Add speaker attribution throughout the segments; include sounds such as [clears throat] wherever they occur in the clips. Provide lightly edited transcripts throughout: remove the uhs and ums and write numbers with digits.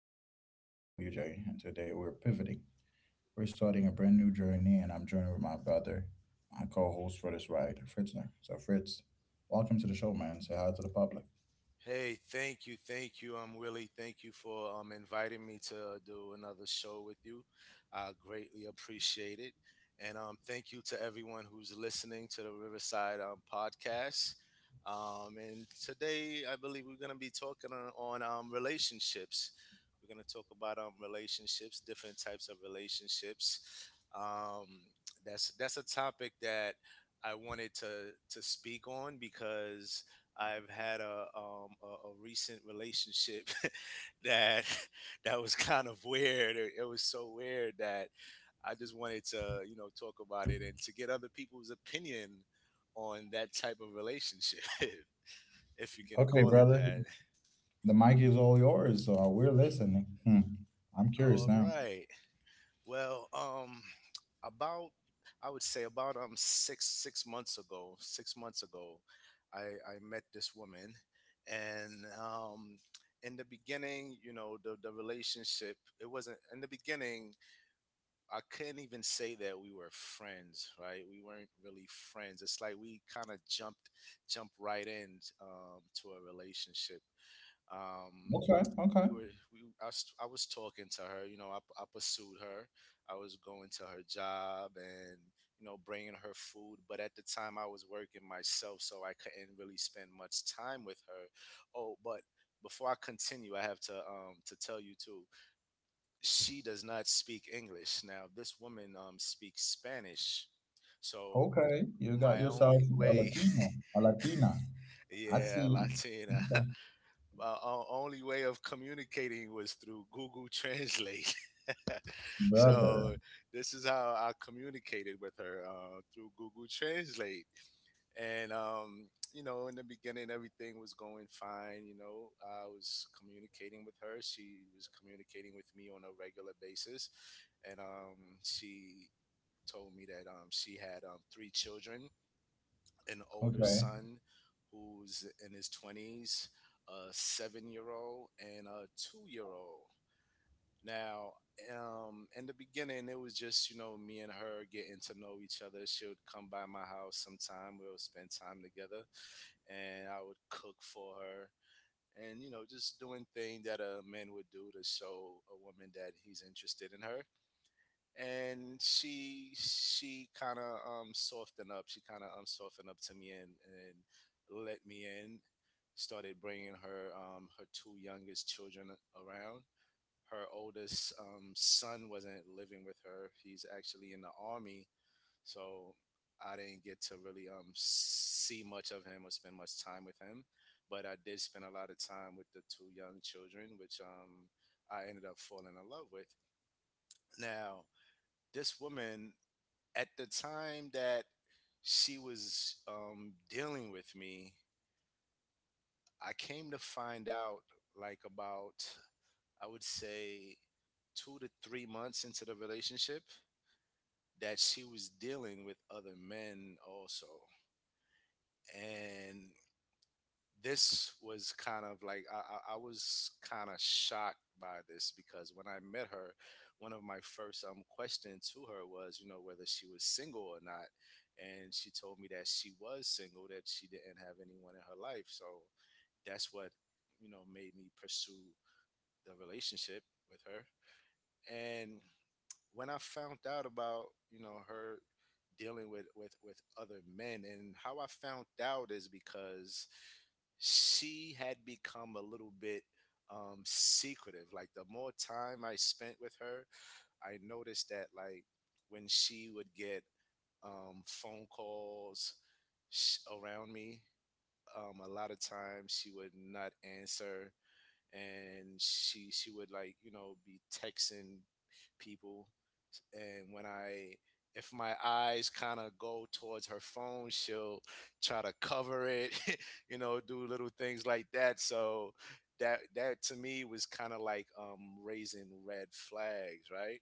Speaker 1: it's your boy, WJ. And today we're pivoting. We're starting a brand new journey, and I'm joining with my brother, my co host for this ride, Fritzner. So, Fritz, welcome to the show, man. Say hi to the public.
Speaker 2: Hey, thank you, Willie. Thank you for inviting me to do another show with you. I greatly appreciate it, and thank you to everyone who's listening to the Riverside podcast. And today I believe we're gonna be talking on relationships. We're gonna talk about relationships, different types of relationships. Um, that's a topic that I wanted to speak on because I've had a recent relationship [laughs] that [laughs] that was kind of weird. It was so weird that I just wanted to talk about it and to get other people's opinion on that type of relationship, [laughs] if you can
Speaker 1: Okay,
Speaker 2: call it
Speaker 1: brother,
Speaker 2: that.
Speaker 1: the mic is all yours. So we're listening. Hmm. I'm curious
Speaker 2: All
Speaker 1: now.
Speaker 2: right. Well, um, about I would say about six six months ago, 6 months ago, I I met this woman, and in the beginning, you know, the relationship it wasn't in the beginning. I couldn't even say that we were friends, right? We weren't really friends. It's like we kind of jumped right in to a relationship. Um,
Speaker 1: Okay,
Speaker 2: we
Speaker 1: okay,
Speaker 2: were we I was talking to her, I pursued her. I was going to her job and, you know, bringing her food, but at the time I was working myself, so I couldn't really spend much time with her. Oh, but before I continue, I have to tell you too, she does not speak English. Now this woman speaks Spanish, so
Speaker 1: okay. You got
Speaker 2: my
Speaker 1: yourself
Speaker 2: only
Speaker 1: a
Speaker 2: way —
Speaker 1: Latino, a Latina.
Speaker 2: [laughs]
Speaker 1: I
Speaker 2: yeah,
Speaker 1: see.
Speaker 2: Latina.
Speaker 1: Okay.
Speaker 2: [laughs] My only way of communicating was through Google [laughs] Translate. [laughs] So
Speaker 1: Brother.
Speaker 2: this is how I communicated with her, through Google Translate. And you know, in the beginning, everything was going fine. You know, I was communicating with her, she was communicating with me on a regular basis, and she told me that she had three children: an older
Speaker 1: Okay.
Speaker 2: son who's in his twenties, a seven-year-old, and a two-year-old. Now, in the beginning, it was just, you know, me and her getting to know each other. She would come by my house sometime. We would spend time together, and I would cook for her, and, you know, just doing things that a man would do to show a woman that he's interested in her. And she kind of softened up. She kind of softened up to me and let me in. Started bringing her her two youngest children around. Her oldest son wasn't living with her. He's actually in the army, so I didn't get to really see much of him or spend much time with him. But I did spend a lot of time with the two young children, which I ended up falling in love with. Now, this woman, at the time that she was dealing with me, I came to find out, like, about, I would say, 2 to 3 months into the relationship, that she was dealing with other men also. And this was kind of like — I was kind of shocked by this, because when I met her, one of my first questions to her was, you know, whether she was single or not. And she told me that she was single, that she didn't have anyone in her life. So that's what, you know, made me pursue the relationship with her. And when I found out about, you know, her dealing with with other men — and how I found out is because she had become a little bit secretive. Like, the more time I spent with her, I noticed that, like, when she would get phone calls around me, a lot of times she would not answer, and she would, like, you know, be texting people. And when I, if my eyes kind of go towards her phone, she'll try to cover it. [laughs] You know, do little things like that. So that to me was kind of like raising red flags, right?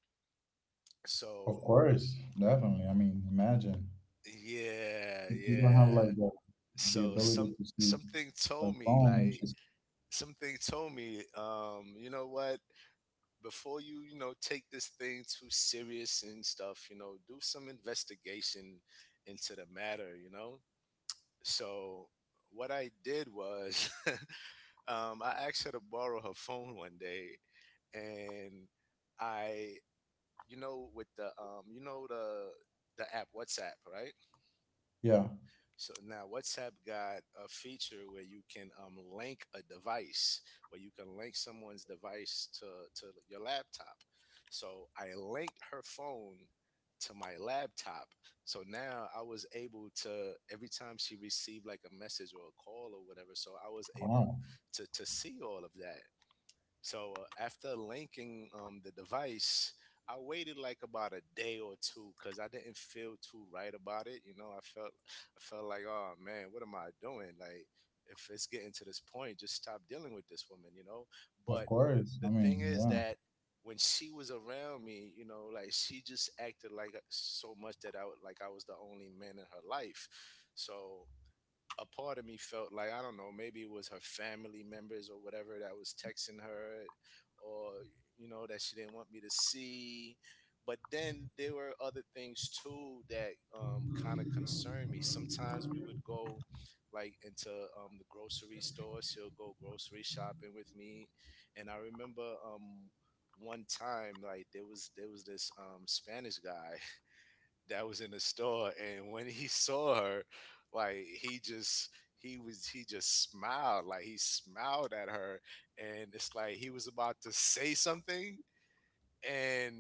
Speaker 1: Of
Speaker 2: So,
Speaker 1: course, definitely. I mean, imagine
Speaker 2: yeah,
Speaker 1: if you don't
Speaker 2: yeah,
Speaker 1: have like the
Speaker 2: so
Speaker 1: ability
Speaker 2: some —
Speaker 1: to see
Speaker 2: something
Speaker 1: her
Speaker 2: told me,
Speaker 1: phone and
Speaker 2: like,
Speaker 1: she's—
Speaker 2: something told me, you know what, before you, you know, take this thing too serious and stuff, you know, do some investigation into the matter, you know. So what I did was, [laughs] I asked her to borrow her phone one day, and I, you know, with the, you know, the app WhatsApp, right?
Speaker 1: yeah,
Speaker 2: So now WhatsApp got a feature where you can link a device, where you can link someone's device to your laptop. So I linked her phone to my laptop. So now I was able to, every time she received, like, a message or a call or whatever, so I was able
Speaker 1: wow.
Speaker 2: to see all of that. So after linking the device, I waited, like, about a day or two, because I didn't feel too right about it. You know, I felt, I felt like, oh, man, what am I doing? Like, if it's getting to this point, just stop dealing with this woman. You know,
Speaker 1: Of
Speaker 2: but
Speaker 1: course. I
Speaker 2: the thing
Speaker 1: mean,
Speaker 2: is
Speaker 1: yeah.
Speaker 2: that when she was around me, you know, like, she just acted like, so much that I, like, I was the only man in her life. So a part of me felt like, I don't know, maybe it was her family members or whatever that was texting her, or, you know, that she didn't want me to see. But then there were other things too that kind of concerned me. Sometimes we would go, like, into the grocery store. She'll go grocery shopping with me, and I remember one time, like, there was this Spanish guy that was in the store, and when he saw her, like, he just, he just smiled. Like, he smiled at her, and it's like he was about to say something, and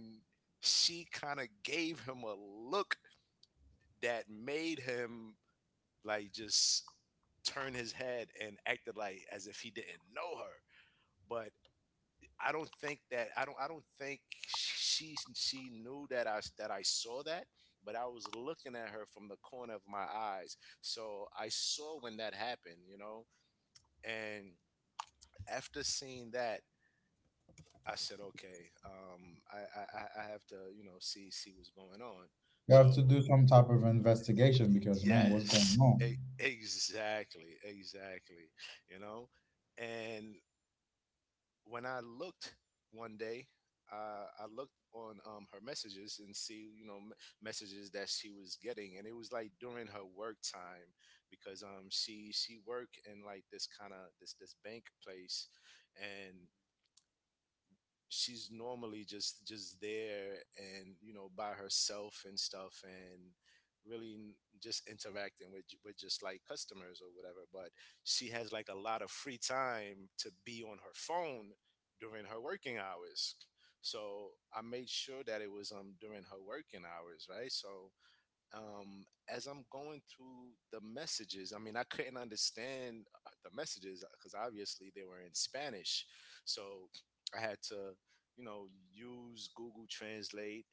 Speaker 2: she kind of gave him a look that made him, like, just turn his head and acted like as if he didn't know her. But I don't think that — I don't think she knew that I, that I saw that. But I was looking at her from the corner of my eyes, so I saw when that happened, you know. And after seeing that, I said, okay, I have to, you know, see what's going on.
Speaker 1: You have
Speaker 2: So,
Speaker 1: to do some type of investigation because, man, what's going
Speaker 2: yes,
Speaker 1: on?
Speaker 2: exactly, exactly, you know. And when I looked one day, I looked on, her messages and see, you know, messages that she was getting, and it was like during her work time, because she worked in, like, this kind of this bank place, and she's normally just there and, you know, by herself and stuff, and really just interacting with with just like customers or whatever, but she has like a lot of free time to be on her phone during her working hours. So I made sure that it was during her working hours, right? So, as I'm going through the messages, I mean, I couldn't understand the messages because obviously they were in Spanish. So I had to, you know, use Google Translate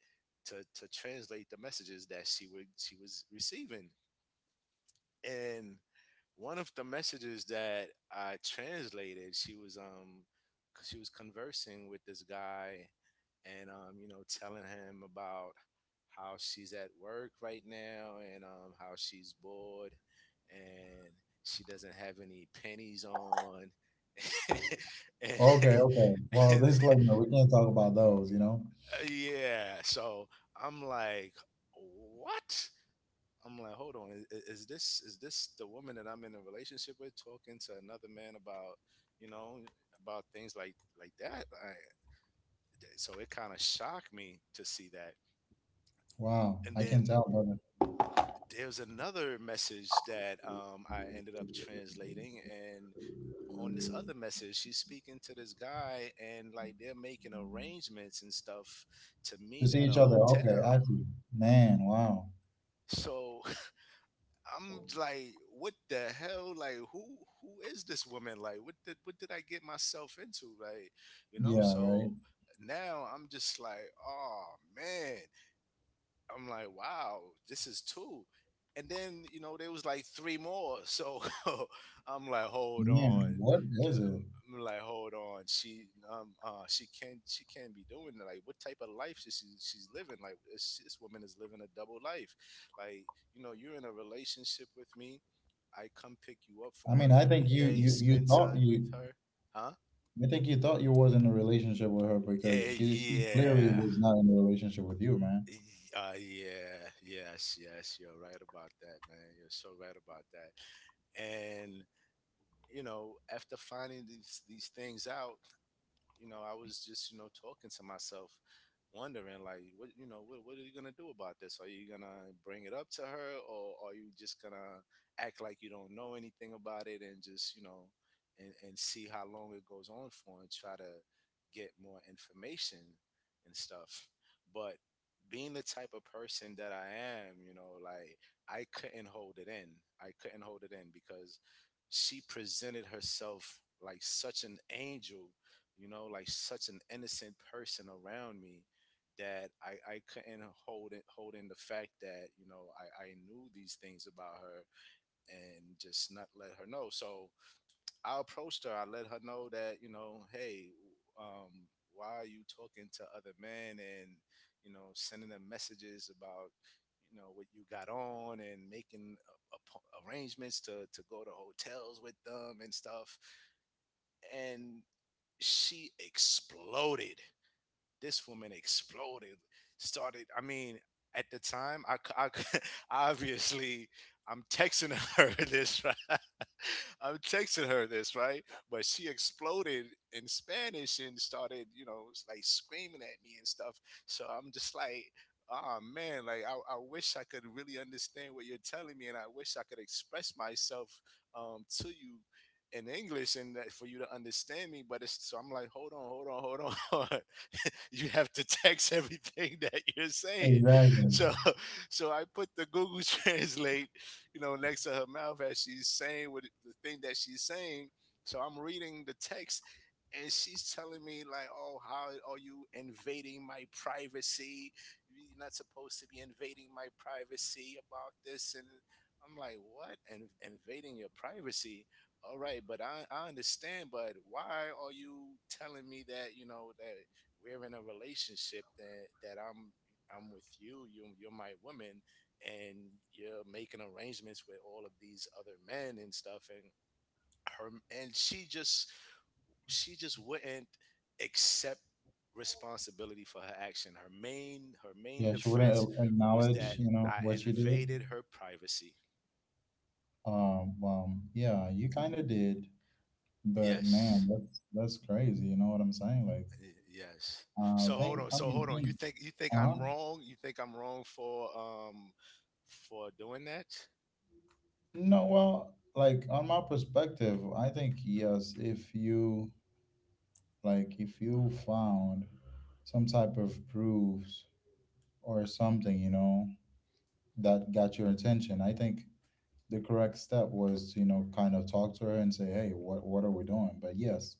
Speaker 2: to translate the messages that she was receiving. And one of the messages that I translated, she was conversing with this guy, and, you know, telling him about how she's at work right now and, how she's bored, and she doesn't have any pennies on, [laughs] and,
Speaker 1: Okay, okay. Well, [laughs]
Speaker 2: and
Speaker 1: this like, no, we can't talk about those, you know?
Speaker 2: yeah, so I'm like, what? I'm like, hold on, is, is this the woman that I'm in a relationship with talking to another man about, you know, about things like that? I — so it kind of shocked me to see that.
Speaker 1: Wow.
Speaker 2: And
Speaker 1: I can
Speaker 2: then
Speaker 1: tell, brother.
Speaker 2: there's another message that, I ended up translating, and on this other message, she's speaking to this guy, and, like, they're making arrangements and stuff to
Speaker 1: To
Speaker 2: meet
Speaker 1: see
Speaker 2: at a
Speaker 1: each other. Okay,
Speaker 2: hotel.
Speaker 1: I see. Man, wow.
Speaker 2: So I'm like, what the hell? Like, who — who is this woman? Like, what did I get myself into? Like, you know.
Speaker 1: Yeah, right.
Speaker 2: So now I'm just like, oh, man, I'm like, wow, this is two. And then, you know, there was like three more. So [laughs] I'm like, hold on.
Speaker 1: Man, what is it?
Speaker 2: I'm like, hold on. She she can't be doing that. Like, what type of life is she's living? Like, this woman is living a double life. Like, you know, you're in a relationship with me. I come pick you up
Speaker 1: I
Speaker 2: from
Speaker 1: mean,
Speaker 2: work
Speaker 1: I think
Speaker 2: every
Speaker 1: you
Speaker 2: day,
Speaker 1: you you
Speaker 2: spend
Speaker 1: thought
Speaker 2: time with
Speaker 1: you
Speaker 2: her. Huh?
Speaker 1: I think you thought you was in a relationship with her because
Speaker 2: Eh,
Speaker 1: she clearly
Speaker 2: yeah.
Speaker 1: was not in a relationship with you, man.
Speaker 2: Yeah, yes, yes, you're right about that, man. You're so right about that. And after finding these things out, I was just talking to myself, wondering like, what are you gonna do about this? Are you gonna bring it up to her, or are you just gonna act like you don't know anything about it and just and see how long it goes on for and try to get more information and stuff. But being the type of person that I am, like, I couldn't hold it in. I couldn't hold it in because she presented herself like such an angel, like such an innocent person around me, that I couldn't hold in the fact that, I knew these things about her and just not let her know. So I approached her, I let her know that, hey, um, why are you talking to other men and sending them messages about what you got on and making arrangements to go to hotels with them and stuff. And she exploded, this woman exploded, started, I mean, at the time, [laughs] obviously I'm texting her [laughs] this right [laughs] I'm texting her this right, but she exploded in Spanish and started, like, screaming at me and stuff. So I'm just like, oh man, like I wish I could really understand what you're telling me, and I wish I could express myself, to you in English, and that, for you to understand me. But it's, so I'm like, hold on, hold on, hold on. [laughs] [laughs] You have to text everything [laughs] that you're saying.
Speaker 1: Exactly.
Speaker 2: So so I put the Google [laughs] Translate, next to her mouth as she's saying what the thing that she's saying. So I'm reading the text, and she's telling me like, "Oh, how are you invading my privacy? You're not supposed to be invading my privacy about this." And I'm like, "What? And invading your privacy?" All right, but I understand, but why are you telling me that, that we're in a relationship, that I'm with you, you're my woman, and you're making arrangements with all of these other men and stuff. And her and she just wouldn't accept responsibility for her action. Her main
Speaker 1: Yeah, she wouldn't
Speaker 2: defense was that
Speaker 1: acknowledge
Speaker 2: I
Speaker 1: what she did.
Speaker 2: invaded her privacy.
Speaker 1: Yeah, you kind of did, but man,
Speaker 2: Yes.
Speaker 1: that's crazy. You know what I'm saying? Like,
Speaker 2: Yes. So hold
Speaker 1: think,
Speaker 2: on.
Speaker 1: I
Speaker 2: So
Speaker 1: mean,
Speaker 2: hold on. You
Speaker 1: think.
Speaker 2: think you think I'm
Speaker 1: Uh-huh.
Speaker 2: wrong? You think I'm wrong for, doing that?
Speaker 1: No, well, like on my perspective, I think yes, if you found some type of proofs or something, you know, that got your attention. I think the correct step was to, you know, kind of talk to her and say, "Hey, what are we doing?" But yes,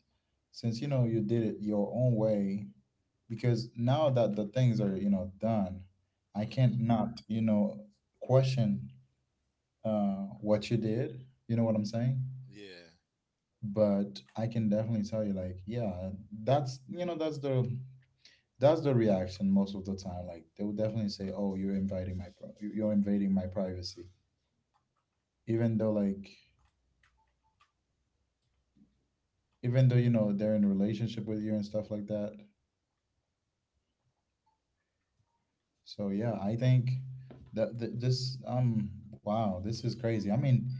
Speaker 1: since you know you did it your own way, because now that the things are done, I can't not question what you did. You know what I'm saying?
Speaker 2: Yeah.
Speaker 1: But I can definitely tell you like, yeah, that's that's the reaction most of the time. Like they will definitely say, "Oh, you're you're invading my privacy," even though like even though they're in a relationship with you and stuff like that. So yeah, I think that th- this wow, this is crazy. I mean,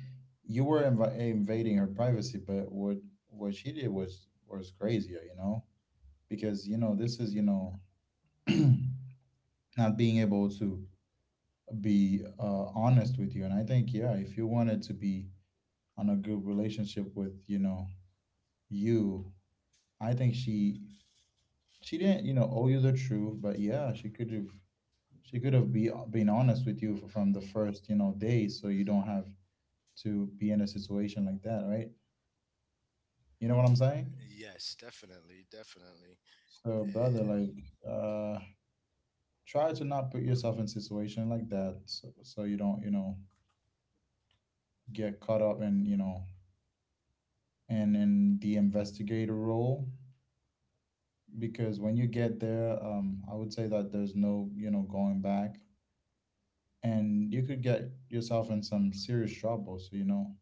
Speaker 1: you were invading her privacy, but what she did was crazier, you know, because this is [clears throat] not being able to be honest with you, and I think yeah, if you wanted to be on a good relationship with you, I think she didn't owe you the truth, but yeah, she could have be been honest with you from the first day, so you don't have to be in a situation like that, right? You know what I'm saying?
Speaker 2: Yes, definitely, definitely.
Speaker 1: So, brother,
Speaker 2: And
Speaker 1: like, try to not put yourself in situation like that, so, you don't, you know, get caught up in and in the investigator role, because when you get there, I would say that there's no going back, and you could get yourself in some serious trouble. So, you know,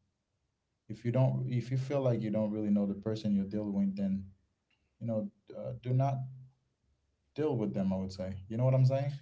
Speaker 1: if you feel like you don't really know the person you're dealing with, then you know do not deal with them, I would say. You know what I'm saying?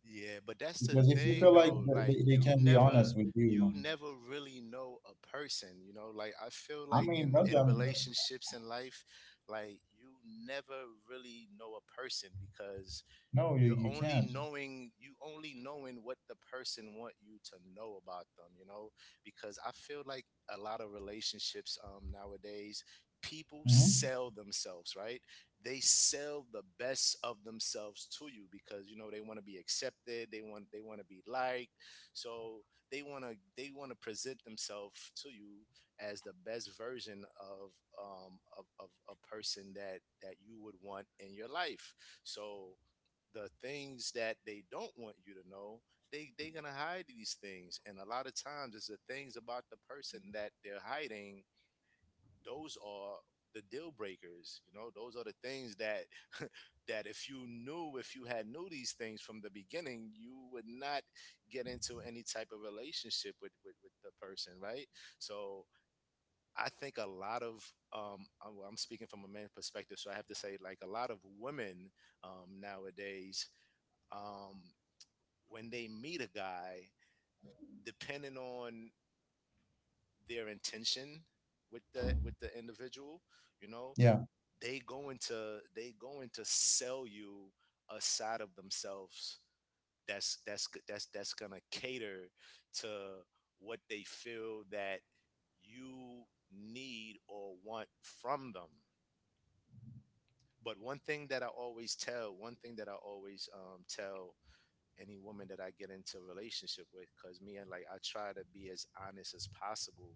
Speaker 2: yeah, but that's the
Speaker 1: Because if you
Speaker 2: thing
Speaker 1: feel like
Speaker 2: though,
Speaker 1: th-
Speaker 2: like
Speaker 1: they, they
Speaker 2: you
Speaker 1: can be
Speaker 2: never
Speaker 1: honest with
Speaker 2: you
Speaker 1: you—
Speaker 2: never really know a person, you know? Like, I feel
Speaker 1: I
Speaker 2: like
Speaker 1: mean,
Speaker 2: in
Speaker 1: brother,
Speaker 2: in
Speaker 1: I'm,
Speaker 2: relationships, in life, like, you never really know a person, because
Speaker 1: no, you, you can't.
Speaker 2: you only knowing what the person want you to know about them, because I feel like a lot of relationships, nowadays, people
Speaker 1: Hmm.
Speaker 2: sell themselves, right? They sell the best of themselves to you, because, they want to be accepted, they want to be liked. So they want to present themselves to you as the best version of, of a person that you would want in your life. So the things that they don't want you to know, they gonna hide these things, and a lot of times it's the things about the person that they're hiding, those are the deal breakers, those are the things that, [laughs] that, if you had knew these things from the beginning, you would not get into any type of relationship with the person, right? So I think a lot of I'm speaking from a man's perspective, so I have to say, like, a lot of women, nowadays, um when they meet a guy, depending on their intention with the individual, you know,
Speaker 1: Yeah,
Speaker 2: they going to sell you a side of themselves that's gonna cater to what they feel that you need or want from them. But one thing that I always, tell any woman that I get into a relationship with. Because me, and like, I try to be as honest as possible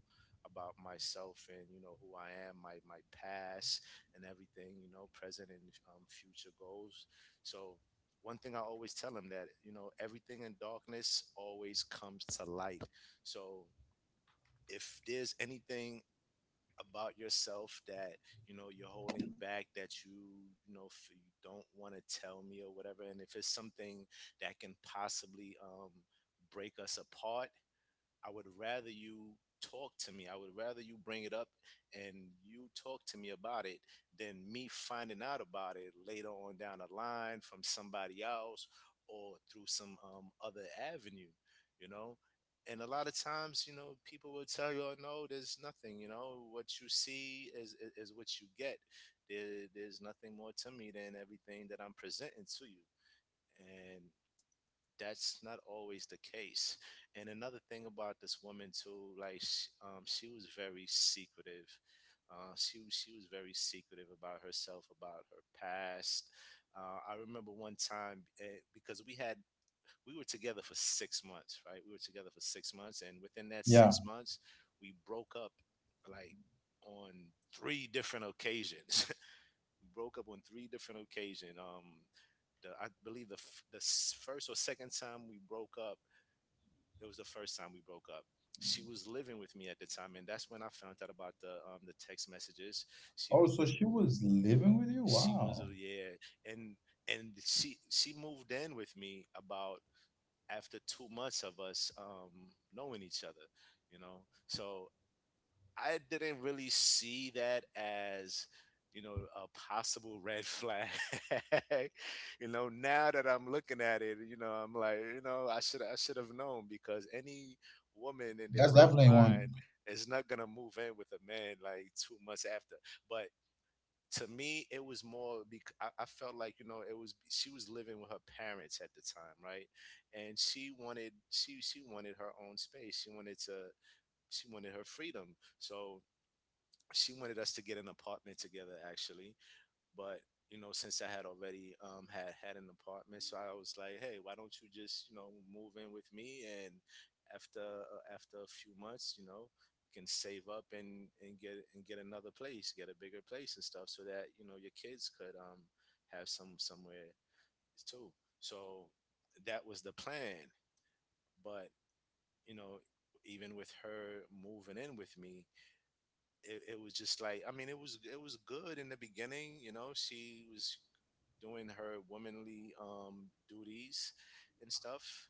Speaker 2: about myself, and you know who I am, my past and everything, you know, present, and, future goals. So one thing I always tell them: that, everything in darkness always comes to light. So if there's anything about yourself that you know you're holding back, that you don't want to tell me or whatever, and if it's something that can possibly, break us apart, I would rather you talk to me. I would rather you bring it up and you talk to me about it, than me finding out about it later on down the line from somebody else, or through some, other avenue, you know? And a lot of times, people will tell you, oh, no, there's nothing, what you see is, is what you get. There's nothing more to me than everything that I'm presenting to you. And that's not always the case. And another thing about this woman too, like, she was very secretive. She was very secretive about herself, about her past. I remember one time, because, we were together for 6 months, right? We were together for 6 months, and within that
Speaker 1: yeah.
Speaker 2: 6 months, we broke up like, on three different occasions. [laughs] We broke up on three different occasions. The I believe the f- the s- first or second time we broke up. It was the first time we broke up. She was living with me at the time, and that's when I found out about the text messages. She
Speaker 1: Oh,
Speaker 2: was
Speaker 1: so
Speaker 2: living.
Speaker 1: she was living with you?
Speaker 2: She
Speaker 1: Wow.
Speaker 2: was, yeah. And she moved in with me, about after 2 months of us, knowing each other, you know. So I didn't really see that as, a possible red flag. [laughs] Now that I'm looking at it, I'm like, I should have known, because any woman in their
Speaker 1: That's
Speaker 2: right
Speaker 1: definitely one.
Speaker 2: mind is not gonna move in with a man like 2 months after. But to me, it was more because I felt like, it was she was living with her parents at the time, right? And she wanted her own space. She wanted her freedom. So she wanted us to get an apartment together, actually, but, you know, since I had already, had an apartment, so I was like, hey, why don't you just, move in with me, and after, after a few months, you know, you can save up and get another place, get a bigger place and stuff, so that, your kids could, have somewhere too. So that was the plan. But, you know even with her moving in with me, it was just like, I mean, it was, good in the beginning. You know, she was doing her womanly, duties and stuff,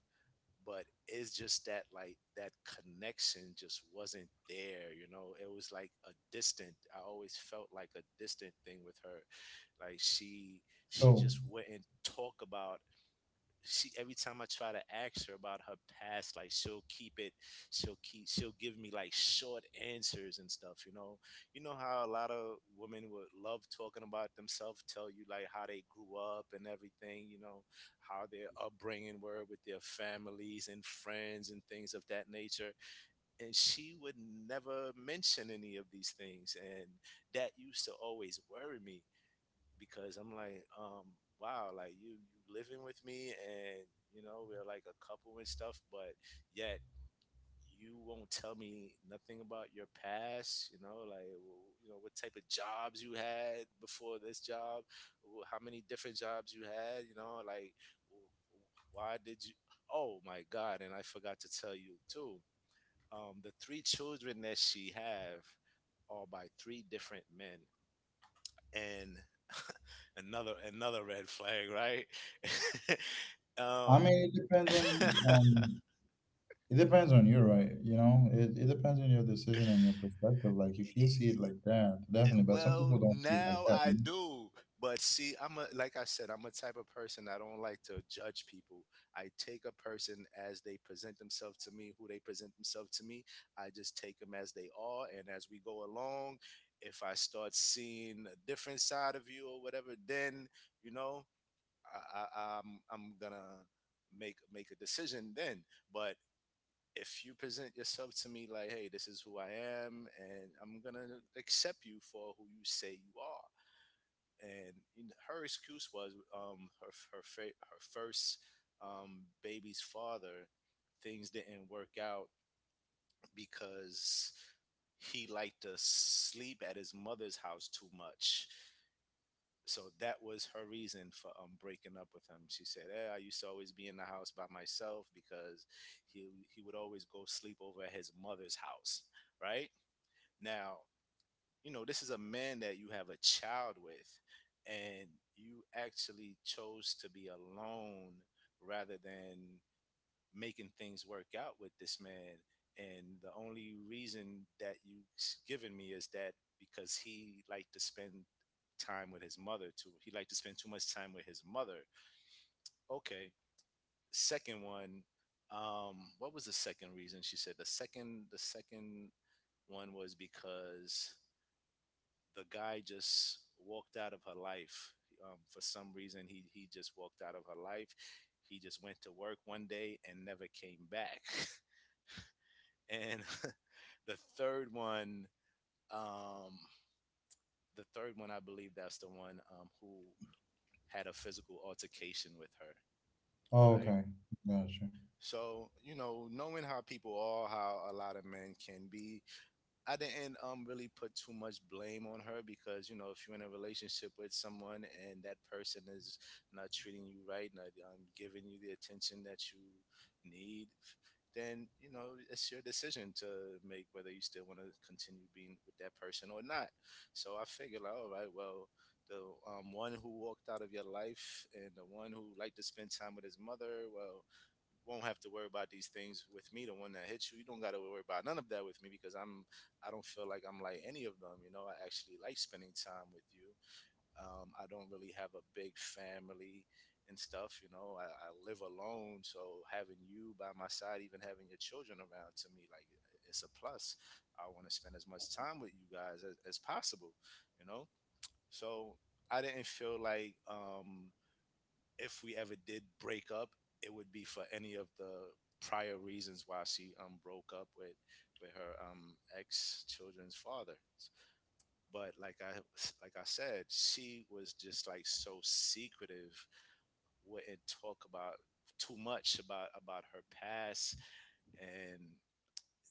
Speaker 2: but it's just that, like, that connection just wasn't there. You know, it was like a distant. I always felt like a distant thing with her. Like, she
Speaker 1: So
Speaker 2: just wouldn't talk about. She every time I try to ask her about her past, like, she'll keep it, she'll keep, she'll give me like short answers and stuff. You know, how a lot of women would love talking about themselves, tell you like how they grew up and everything. You know, how their upbringing were with their families and friends and things of that nature. And she would never mention any of these things, and that used to always worry me, because I'm like, wow, like, you living with me, and, we're like a couple and stuff, but yet you won't tell me nothing about your past. You know, like, what type of jobs you had before this job, how many different jobs you had, like, why did you— Oh my god, and I forgot to tell you too. The three children that she have are by three different men, and [laughs] another red flag, right? [laughs]
Speaker 1: I mean,
Speaker 2: um, [laughs]
Speaker 1: um it depends on you, right? You know, it depends on your decision and your perspective, like if you see it like that, definitely. But some
Speaker 2: well,
Speaker 1: people don't see it like
Speaker 2: now
Speaker 1: that.
Speaker 2: I do, but see, I'm a like I said, I'm a type of person, I don't like to judge people. I take a person as they present themselves to me, who they present themselves to me. I just take them as they are, and as we go along, if I start seeing a different side of you or whatever, then you know I'm gonna make a decision then. But if you present yourself to me like, hey, this is who I am, and I'm gonna accept you for who you say you are. And her excuse was her first baby's father. Things didn't work out because he liked to sleep at his mother's house too much, so that was her reason for breaking up with him. She said, "Eh, I used to always be in the house by myself because he would always go sleep over at his mother's house." Right? Now, you know, this is a man that you have a child with, and you actually chose to be alone rather than making things work out with this man. And the only reason that you have given me is that because he liked to spend time with his mother too. He liked to spend too much time with his mother. Okay. Second one, what was the second reason she said? The second one was because the guy just walked out of her life. For some reason, he just walked out of her life. He just went to work one day and never came back. [laughs] And [laughs] the third one, um, the third one, I believe that's the one who had a physical altercation with her,
Speaker 1: Oh,
Speaker 2: right?
Speaker 1: okay. Gotcha.
Speaker 2: So you know, knowing how people are, how a lot of men can be, I didn't really put too much blame on her, because you know if you're in a relationship with someone and that person is not treating you right, not giving you the attention that you need, then you know it's your decision to make whether you still want to continue being with that person or not. So I figured, like, all right, well, the one who walked out of your life and the one who liked to spend time with his mother, well, won't have to worry about these things with me. The one that hit you, you don't got to worry about none of that with me, because I don't feel like I'm like any of them. You know, I actually like spending time with you. I don't really have a big family and stuff. You know, I live alone, so having you by my side, even having your children around, to me, like it's a plus. I want to spend as much time with you guys as possible. You know, so I didn't feel like if we ever did break up, it would be for any of the prior reasons why she broke up with her ex children's father. But like I said, she was just like so secretive, wouldn't talk about too much about her past, and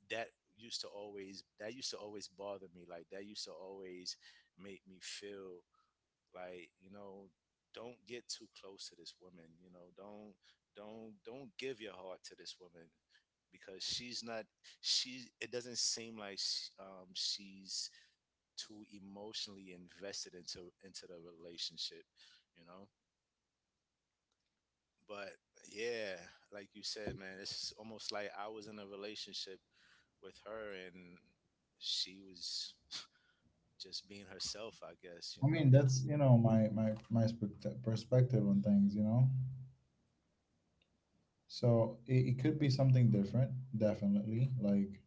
Speaker 2: that used to always that used to always bother me, like that used to always make me feel like, you know, don't get too close to this woman, you know, don't don't give your heart to this woman, because she's not she it doesn't seem like sh she's too emotionally invested into the relationship, you know. But yeah, like you said, man, it's almost like I was in a relationship with her and she was just being herself, I guess, you
Speaker 1: I mean,
Speaker 2: know.
Speaker 1: that's, you know, my perspective on things, you know. So it could be something different, definitely. Like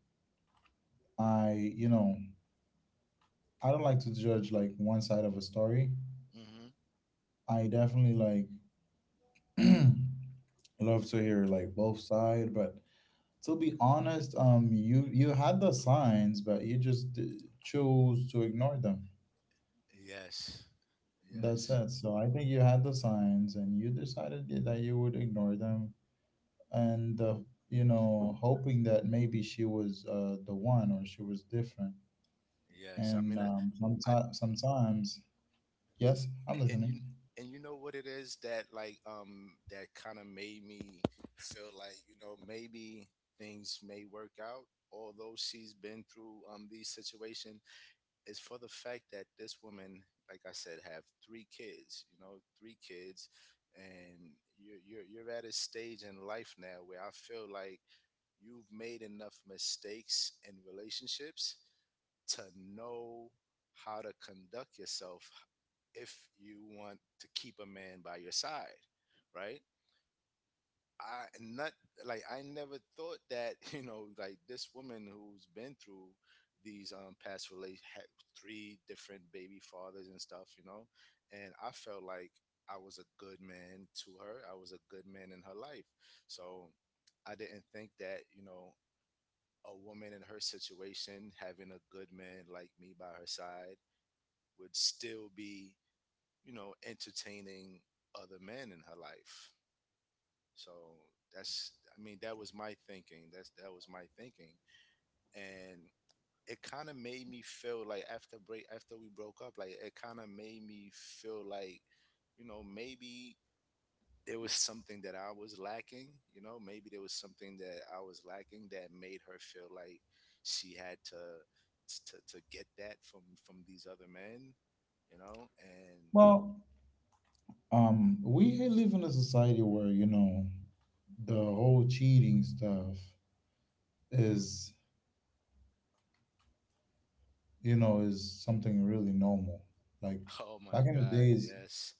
Speaker 1: I, you know, I don't like to judge like one side of a story.
Speaker 2: Hmm.
Speaker 1: I definitely like [clears throat] love to hear like both side, but to be honest, you had the signs, but you just chose to ignore them.
Speaker 2: Yes,
Speaker 1: That's
Speaker 2: yes.
Speaker 1: it. So I think you had the signs, and you decided that you would ignore them and hoping that maybe she was the one or she was different,
Speaker 2: Yes, I
Speaker 1: and
Speaker 2: mean, I
Speaker 1: sometimes. Yes, I'm
Speaker 2: and you
Speaker 1: listening.
Speaker 2: know what it is, that like that kind of made me feel like, you know, maybe things may work out. Although she's been through these situations, is for the fact that this woman, like I said, have three kids. You know, three kids, and you're at a stage in life now where I feel like you've made enough mistakes in relationships to know how to conduct yourself if you want to keep a man by your side, right? I not Like I never thought that [laughs] you know, like this woman who's been through these past relate had three different baby fathers and stuff, you know, and I felt like I was a good man to her. I was a good man in her life, so I didn't think that you know a woman in her situation having a good man like me by her side would still be, you know, entertaining other men in her life. So that's I mean, that was my thinking. That was my thinking. And it kind of made me feel like, after break after we broke up, like it kind of made me feel like, you know, maybe there was something that I was lacking, you know, maybe there was something that I was lacking that made her feel like she had to get that from these other men, you know, and
Speaker 1: Well, we live in a society where the whole cheating stuff is you know is something really normal, like
Speaker 2: Oh my
Speaker 1: back in the
Speaker 2: God,
Speaker 1: days
Speaker 2: yes.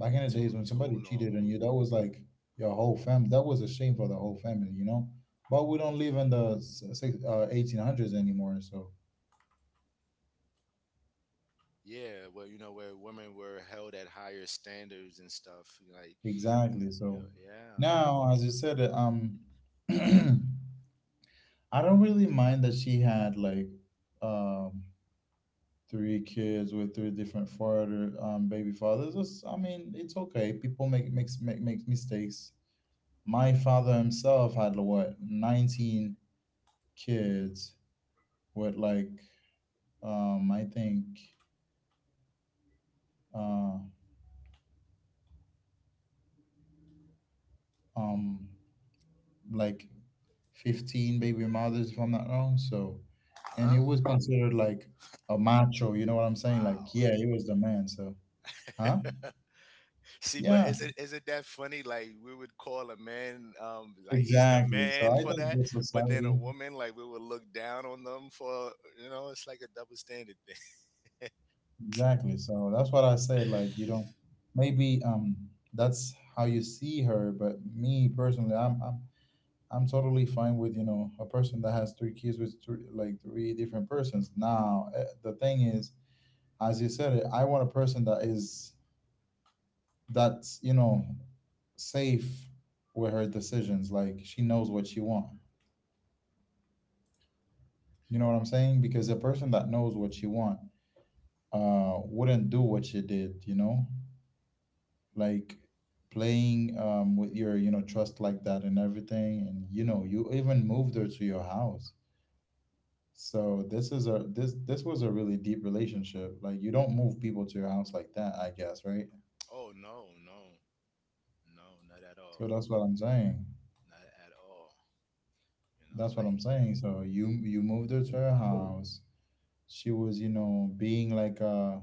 Speaker 1: back in the days
Speaker 2: Too
Speaker 1: when somebody
Speaker 2: too
Speaker 1: cheated on
Speaker 2: normal.
Speaker 1: you, that was like your whole family. That was a shame for the whole family, you know. But we don't live in the s- six- eighteen hundreds 1800s anymore. So
Speaker 2: Yeah, well, you know, where women were held at higher standards and stuff. Like,
Speaker 1: exactly. So
Speaker 2: yeah, yeah.
Speaker 1: now, as you said, [clears throat] I don't really mind that she had like um three kids with three different father baby fathers. It's, I mean, it's okay. People make makes make make mistakes. My father himself had what 19 kids with like— I think uh, um, like 15 baby mothers, if I'm not wrong. So, and it
Speaker 2: Huh?
Speaker 1: was considered like a macho. You know what I'm saying? Like,
Speaker 2: Wow.
Speaker 1: yeah, he was the man. So, huh?
Speaker 2: [laughs] See, but
Speaker 1: Yeah,
Speaker 2: isn't that funny? Like we would call a man, like he's the
Speaker 1: exactly. So
Speaker 2: man
Speaker 1: I
Speaker 2: for
Speaker 1: think
Speaker 2: that,
Speaker 1: the
Speaker 2: but then a
Speaker 1: society—
Speaker 2: woman, like we would look down on them for, you know, it's like a double standard thing. [laughs]
Speaker 1: exactly. So that's what I said. Like, you don't, maybe, that's how you see her. But me personally, I'm totally fine with a person that has three kids with three different persons. Now the thing is, as you said it, I want a person that's safe with her decisions. Like she knows what she wants. You know what I'm saying? Because a person that knows what she want wouldn't do what she did. You know, like playing with your trust like that and everything, and you even moved her to your house. So this was a really deep relationship. Like you don't move people to your house like that, I guess, right?
Speaker 2: Oh no, no, no, not at all,
Speaker 1: So that's what I'm saying.
Speaker 2: not at all. You know,
Speaker 1: That's what
Speaker 2: like,
Speaker 1: I'm saying. So you moved her to her house. She was, you know, being like a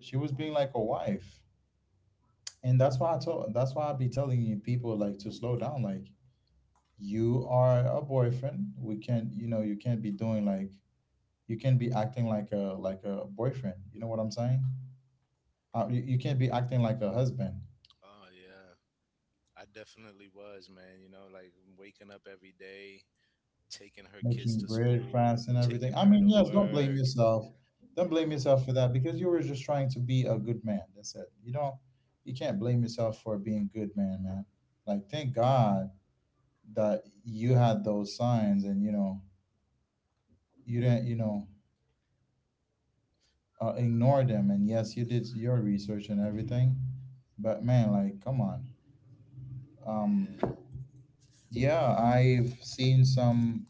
Speaker 1: she was being like a wife. And that's why I be telling you people like to slow down. Like you are a boyfriend. We can't, you can't be acting like a boyfriend. You know what I'm saying? You can't be acting like a husband.
Speaker 2: oh yeah, I definitely was, man. You know, like waking up every day, taking her kids
Speaker 1: Making
Speaker 2: to
Speaker 1: bread,
Speaker 2: school,
Speaker 1: France, and everything.
Speaker 2: taking
Speaker 1: I
Speaker 2: her
Speaker 1: mean,
Speaker 2: to
Speaker 1: yes, don't blame
Speaker 2: work,
Speaker 1: yourself. Don't
Speaker 2: you
Speaker 1: blame
Speaker 2: know?
Speaker 1: yourself for that because you were just trying to be a good man. That's it. You don't, you can't blame yourself for being good man, man. Like, thank God that you had those signs and, you know, you didn't ignore them. And yes, you did your research and everything. But man, like, come on. Um,
Speaker 2: Yeah.
Speaker 1: yeah, I've seen some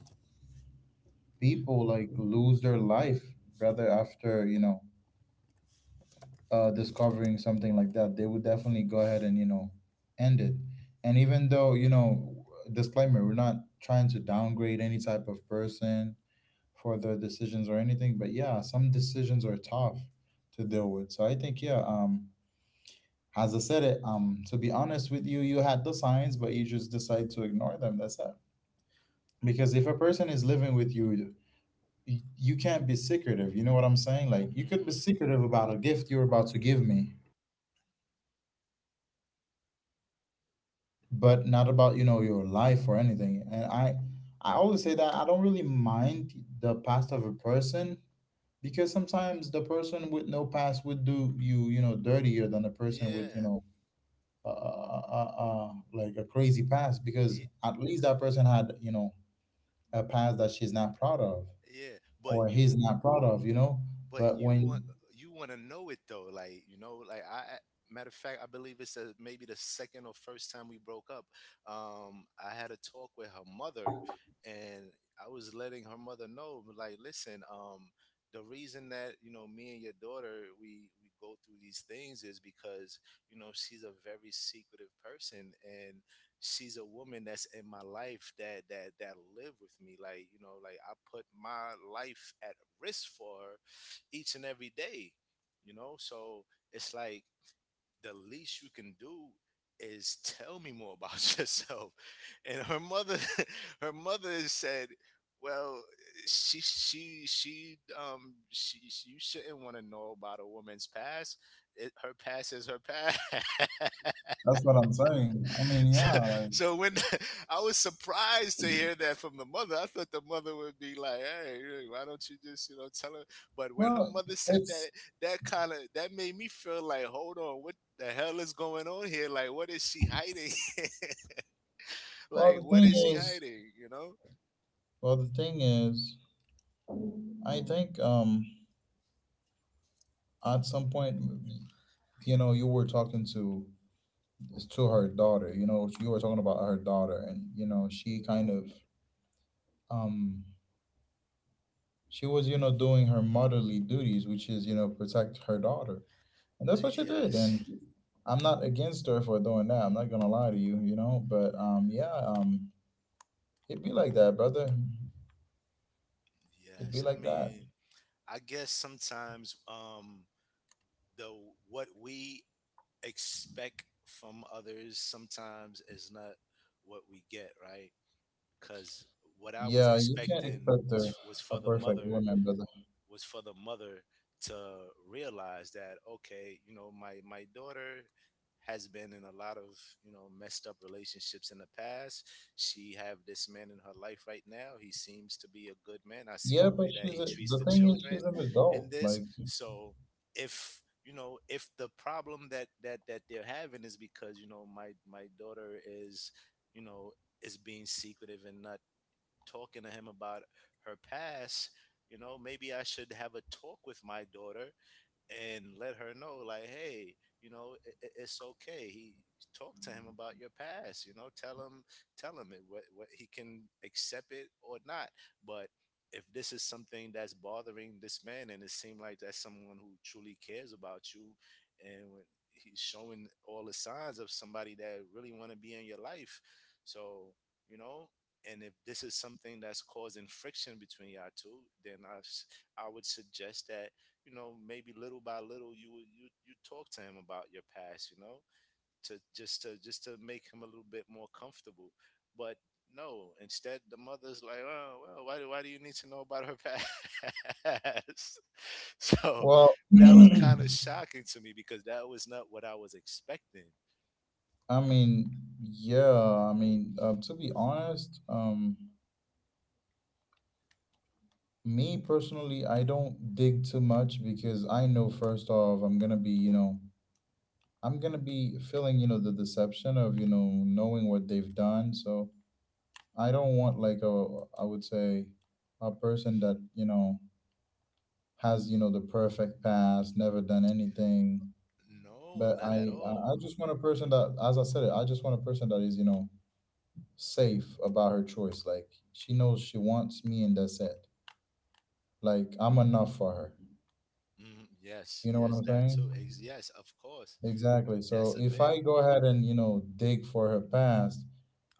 Speaker 1: people like lose their life, brother, after, you know, discovering something like that, they would definitely go ahead and end it. And even though disclaimer, we're not trying to downgrade any type of person for their decisions or anything, but yeah, some decisions are tough to deal with. So I think yeah, as I said it, to be honest with you, you had the signs, but you just decide to ignore them. That's it. Because if a person is living with you, you can't be secretive. You know what I'm saying? Like you could be
Speaker 2: Hmm.
Speaker 1: secretive about a gift you're about to give me, but not about, you know, your life or anything. And I always say that I don't really mind the past of a person, because sometimes the person with no past would do you, you know, dirtier than the person with, you
Speaker 2: Yeah.
Speaker 1: know, like a crazy past, because
Speaker 2: Ye-
Speaker 1: at least that person had, you know, a past that she's not proud of,
Speaker 2: Yeah.
Speaker 1: or he's not proud of, you know.
Speaker 2: But
Speaker 1: But
Speaker 2: you want
Speaker 1: when
Speaker 2: to know it though, like, you know, like I, matter of fact, I believe it's a, maybe the second or first time we broke up, I had a talk with her mother, and I was letting her mother know like, listen, the reason that, you know, me and your daughter, we go through these things is because, you know, she's a very secretive person, and she's a woman that's in my life that live with me, like, you know, like I put my life at risk for her each and every day, you know? So it's like the least you can do is tell me more about [laughs] yourself. And her mother [laughs] her mother said, well, you shouldn't want to know about a woman's past. Her past is her past. [laughs]
Speaker 1: That's what I'm saying. I mean, yeah,
Speaker 2: [laughs]
Speaker 1: like.
Speaker 2: So when [laughs] I was surprised to hear that from the mother. I thought the mother would be like, "Hey, really, why don't you just you know tell her?" But when her
Speaker 1: Well
Speaker 2: mother said that,
Speaker 1: it's
Speaker 2: kind of that made me feel like, "Hold on, what the hell is going on here? Like, what is she hiding? [laughs]
Speaker 1: well
Speaker 2: Like,
Speaker 1: the
Speaker 2: what
Speaker 1: thing
Speaker 2: is she
Speaker 1: is
Speaker 2: hiding?" You know?
Speaker 1: well the thing is I think, at some point, you know, you were talking to her daughter, you know, you were talking about her daughter, and, you know, she kind of, um she was, you know, doing her motherly duties, which is, you know, protect her daughter, and that's what she did.
Speaker 2: Yes,
Speaker 1: And I'm not against her for doing that. I'm not gonna lie to you, you know, but, yeah, it'd be like that, brother. It'd be
Speaker 2: yes. I
Speaker 1: like that.
Speaker 2: mean, I guess sometimes the what we expect from others sometimes is not what we get, right? Because what I was
Speaker 1: Yeah, you can't
Speaker 2: expecting
Speaker 1: expect a,
Speaker 2: was
Speaker 1: a
Speaker 2: for the
Speaker 1: perfect
Speaker 2: mother
Speaker 1: woman, brother.
Speaker 2: was for the mother to realize that, okay, you know, my daughter has been in a lot of, you know, messed up relationships in the past. She have this man in her life right now. He seems to be a good man. I see
Speaker 1: Yeah,
Speaker 2: the
Speaker 1: but
Speaker 2: way that he treats
Speaker 1: the
Speaker 2: the
Speaker 1: thing is, she's
Speaker 2: children
Speaker 1: an adult,
Speaker 2: in this.
Speaker 1: like.
Speaker 2: So if, you know, if the problem that that they're having is because, you know, my daughter is, you know, is being secretive and not talking to him about her past, you know, maybe I should have a talk with my daughter and let her know, like, hey, you know, it's okay, he talk to him about your past, you know, tell him what he can accept it or not, but if this is something that's bothering this man and it seems like that's someone who truly cares about you, and when he's showing all the signs of somebody that really want to be in your life, so, you know, and if this is something that's causing friction between y'all two, then I would suggest that, you know, maybe little by little, you you talk to him about your past, you know, to just to make him a little bit more comfortable. But no, instead, the mother's like, oh, well, why do you need to know about her past? [laughs] So
Speaker 1: Well,
Speaker 2: that was
Speaker 1: [clears throat]
Speaker 2: kind of shocking to me, because that was not what I was expecting.
Speaker 1: I mean, yeah, to be honest, me personally, I don't dig too much, because I know, first off, I'm gonna be feeling, you know, the deception of, you know, knowing what they've done. So I don't want, like, I would say, a person that, you know, has, you know, the perfect past, never done anything.
Speaker 2: No,
Speaker 1: But
Speaker 2: not at
Speaker 1: I, I
Speaker 2: all.
Speaker 1: I just want a person that, as I said it, I just want a person that is, you know, safe about her choice. Like, she knows she wants me, and that's it. Like, I'm enough for her.
Speaker 2: Mm, yes,
Speaker 1: You know what
Speaker 2: yes,
Speaker 1: I'm
Speaker 2: that too.
Speaker 1: saying?
Speaker 2: Yes, of course.
Speaker 1: Exactly. So
Speaker 2: That's a
Speaker 1: if I
Speaker 2: big
Speaker 1: go ahead and, you know, dig for her past,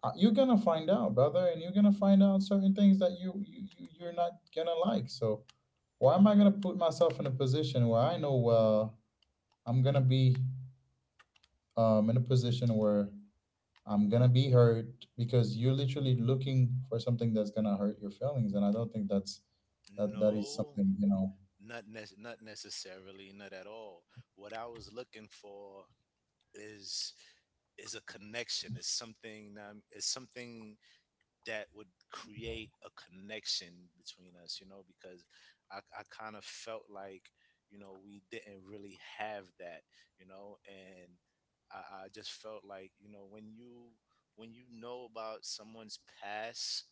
Speaker 1: you're gonna find out, brother, and you're gonna find out certain things that you're not gonna like. So why am I gonna put myself in a position where I know, well, I'm gonna be, in a position where I'm gonna be hurt, because you're literally looking for something that's gonna hurt your feelings, and I don't think that is
Speaker 2: no.
Speaker 1: something, you know,
Speaker 2: Not necessarily, not at all. What I was looking for is a connection. It's something that would create a connection between us, you know, because I kind of felt like, you know, we didn't really have that, you know, and I just felt like, you know, when you know about someone's past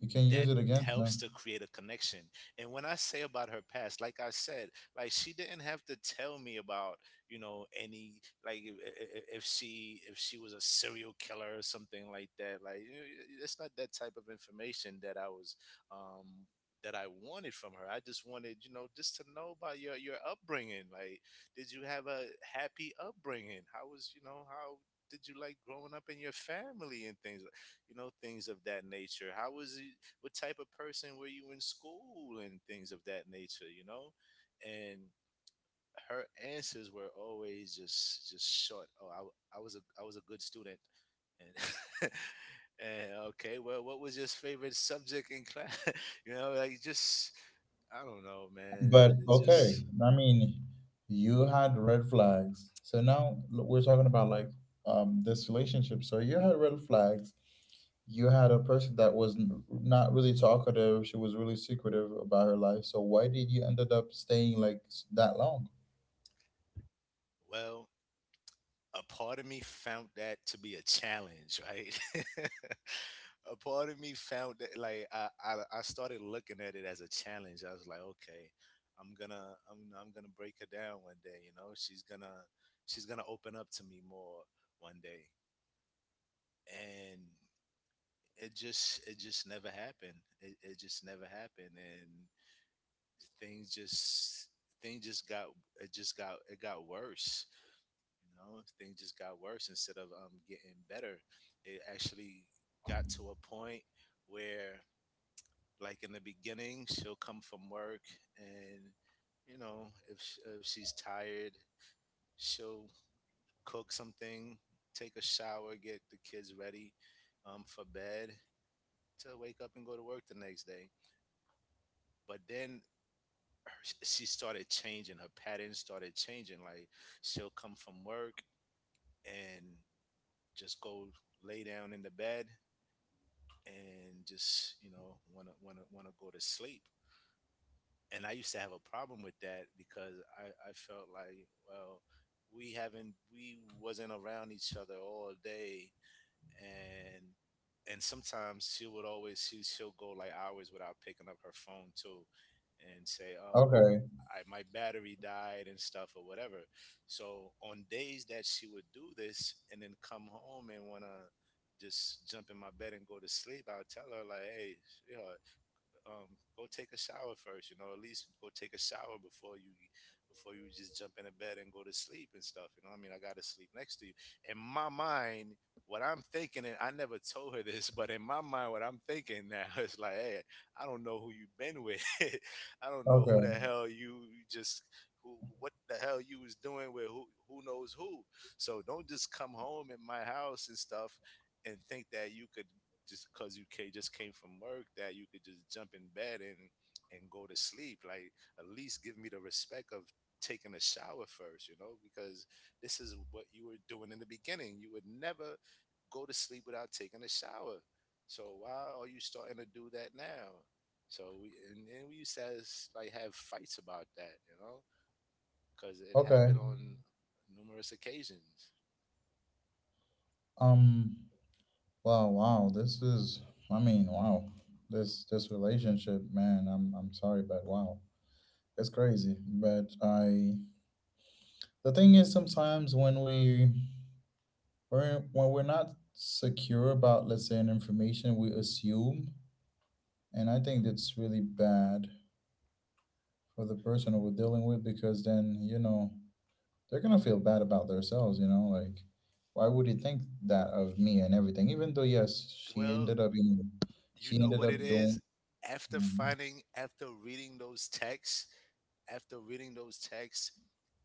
Speaker 1: you can use
Speaker 2: that
Speaker 1: it against
Speaker 2: helps
Speaker 1: them.
Speaker 2: to create a connection. And when I say about her past, like I said, like she didn't have to tell me about, you know, any like if she was a serial killer or something like that. Like you know, it's not that type of information that I was um that I wanted from her. I just wanted, you know, just to know about your upbringing. Like did you have a happy upbringing? How was, you know, how did you like growing up in your family and things you know things of that nature how was it what type of person were you in school and things of that nature, you know? And her answers were always just short. Oh, I was a good student. And [laughs] and okay, well, what was your favorite subject in class? [laughs] you know, like just I don't know, man.
Speaker 1: But
Speaker 2: It's
Speaker 1: okay,
Speaker 2: just
Speaker 1: I mean, you had red flags, so now we're talking about, like, this relationship. So you had red flags. You had a person that was not really talkative. She was really secretive about her life. So why did you ended up staying, like, that long?
Speaker 2: well, a part of me found that to be a challenge, right? [laughs] A part of me found that like I started looking at it as a challenge. I was like, okay, I'm gonna break her down one day. You know, she's gonna open up to me more one day, and it just never happened. It just never happened, and things just things just got it got worse, you know, things just got worse instead of getting better. It actually got to a point where, like in the beginning, she'll come from work and, you know, if, if she's tired, she'll cook something, take a shower, get the kids ready for bed to wake up and go to work the next day. But then she started changing, her pattern started changing. Like she'll come from work and just go lay down in the bed and just you know want to go to sleep, and I used to have a problem with that because I felt like well we haven't we wasn't around each other all day and and sometimes she would always she'll go like hours without picking up her phone too, and say, "Oh,
Speaker 1: Okay,
Speaker 2: I my battery died and stuff or whatever." So on days that she would do this and then come home and wanna just jump in my bed and go to sleep, I'll tell her like, "Hey, you know, go take a shower first. You know, at least go take a shower before you just jump into bed and go to sleep and stuff. You know, what I mean, I got to sleep next to you. In my mind, what I'm thinking, and I never told her this, but in my mind, what I'm thinking now [laughs] is like, hey, I don't know who you've been with. [laughs] I don't know who
Speaker 1: okay,
Speaker 2: the hell you just what the hell you was doing with who knows who. So don't just come home at my house and stuff and think that you could just came from work that you could just jump in bed and go to sleep like at least give me the respect of taking a shower first, you know, because this is what you were doing in the beginning, you would never go to sleep without taking a shower, so why are you starting to do that now? So we and we used to like have fights about that, you know, because it
Speaker 1: okay.
Speaker 2: happened on numerous occasions.
Speaker 1: Um. Wow. Wow. This is. I mean. Wow. This relationship, man. I'm sorry, but wow, it's crazy. But I. The thing is, sometimes when when we're not secure about, let's say, an information, we assume, and I think that's really bad for the person we're dealing with, because then, you know, they're gonna feel bad about themselves. You know, like, why would he think that of me and everything? Even though, yes, she
Speaker 2: Well,
Speaker 1: ended up, you know,
Speaker 2: you
Speaker 1: she
Speaker 2: know
Speaker 1: ended
Speaker 2: what
Speaker 1: up
Speaker 2: it
Speaker 1: doing.
Speaker 2: is? After
Speaker 1: Mhm.
Speaker 2: finding, after reading those texts, after reading those texts,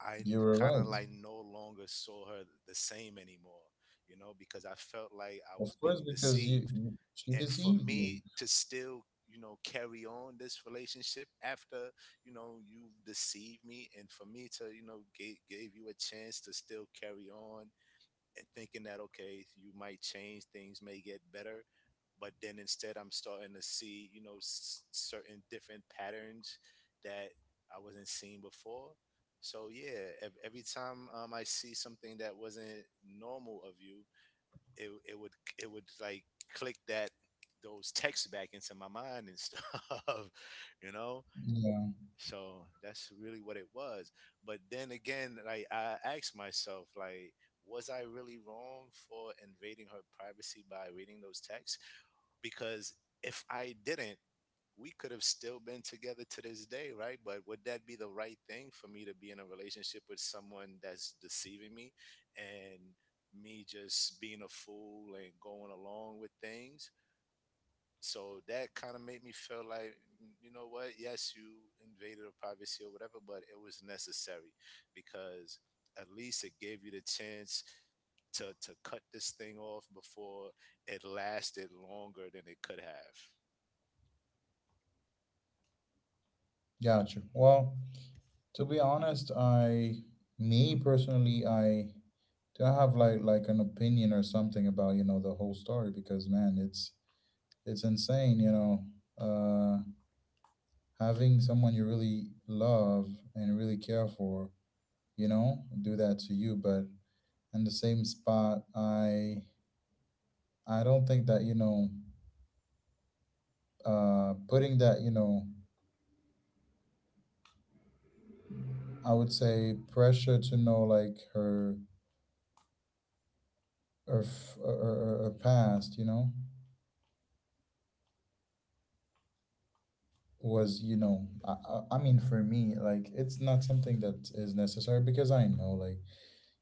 Speaker 2: I
Speaker 1: You were
Speaker 2: kind of
Speaker 1: right.
Speaker 2: like no longer saw her the same anymore, you know, because I felt like I
Speaker 1: Of
Speaker 2: was
Speaker 1: course,
Speaker 2: being
Speaker 1: because
Speaker 2: deceived.
Speaker 1: she
Speaker 2: And for
Speaker 1: deceived you.
Speaker 2: me to still, you know, carry on this relationship after, you know, you deceived me, and for me to, you know, gave you a chance to still carry on and thinking that okay you might change, things may get better, but then instead I'm starting to see you know certain different patterns that I wasn't seeing before. So yeah, every time I see something that wasn't normal of you, it would it would like click that those texts back into my mind and stuff, [laughs] you know.
Speaker 1: Yeah,
Speaker 2: So that's really what it was. But then again, like I asked myself, like, was I really wrong for invading her privacy by reading those texts? Because if I didn't, we could have still been together to this day, right? But would that be the right thing for me to be in a relationship with someone that's deceiving me and me just being a fool and going along with things? So that kind of made me feel like mm, you know what, yes, you invaded a privacy or whatever but it was necessary because at least it gave you the chance to cut this thing off before it lasted longer than it could have.
Speaker 1: gotcha. Well, to be honest, I me personally, I don't have, like, an opinion or something about, you know, the whole story, because, man, it's insane, you know. Uh Having someone you really love and really care for, you know, do that to you, but in the same spot, I don't think that, you know, putting that, you know, I would say, pressure to know, like, her her f- her, her, her past, you know, was, you know, I mean, for me, like, it's not something that is necessary, because I know, like,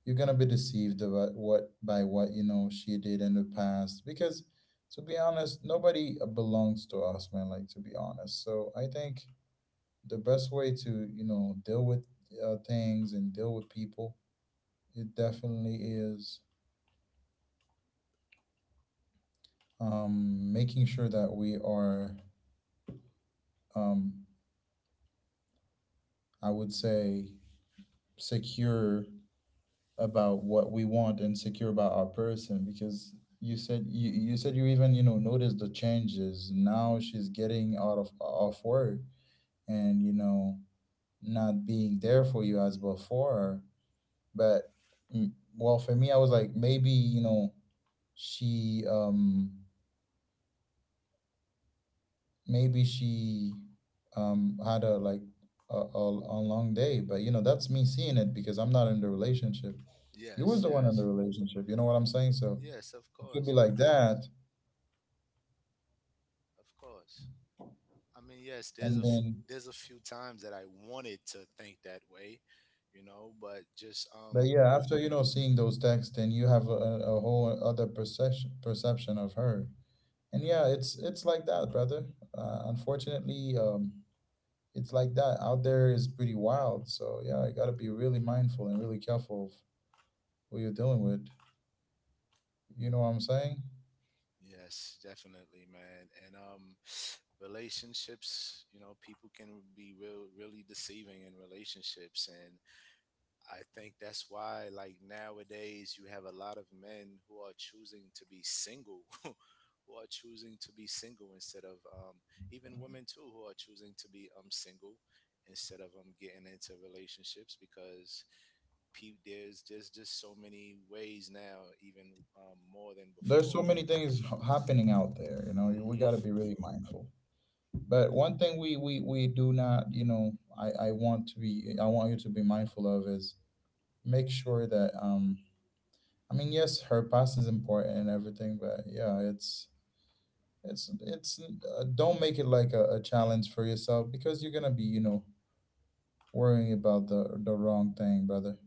Speaker 1: you're gonna be deceived about what by what, you know, she did in the past. Because, to be honest, nobody belongs to us, man, like, to be honest. So I think the best way to, you know, deal with things and deal with people, it definitely is, making sure that we are, um, I would say, secure about what we want and secure about our person, because you said you, even, you know, noticed the changes. Now she's getting out of, off work, and, you know, not being there for you as before, but, mm, well, for me, I was like, maybe, you know, she um she had a, like, a long day, but, you know, that's me seeing it, because I'm not in the relationship. You was
Speaker 2: Yes,
Speaker 1: the one in
Speaker 2: yes.
Speaker 1: the relationship, you know what I'm saying? So
Speaker 2: Yes, of
Speaker 1: it could
Speaker 2: course,
Speaker 1: be
Speaker 2: of
Speaker 1: like
Speaker 2: course,
Speaker 1: that.
Speaker 2: of course. I mean yes,
Speaker 1: And then
Speaker 2: there's a few times that I wanted to think that way, you know, but just
Speaker 1: But yeah, after, you know, seeing those texts, then you have a whole other perception of her. And yeah, it's like that, brother. Unfortunately, it's like that out there, is pretty wild, so yeah, you got to be really mindful and really careful of who you're dealing with, you know what I'm saying?
Speaker 2: yes, definitely, man. And [sniffs] [sighs] relationships, you know, people can be really deceiving in relationships, and I think that's why like nowadays you have a lot of men who are choosing to be single. [laughs] Who are choosing to be single instead of even women too who are choosing to be single instead of getting into relationships, because there's just so many ways now, even more than
Speaker 1: There's so
Speaker 2: before.
Speaker 1: many things happening out there, you know. We got
Speaker 2: Mm-hmm.
Speaker 1: to be really mindful. But one thing we do not, you know, I want you to be mindful of, is make sure that, I mean, yes, her past is important and everything, but yeah, it's don't make it like a challenge for yourself, because you're gonna be, you know, worrying about the wrong thing, brother.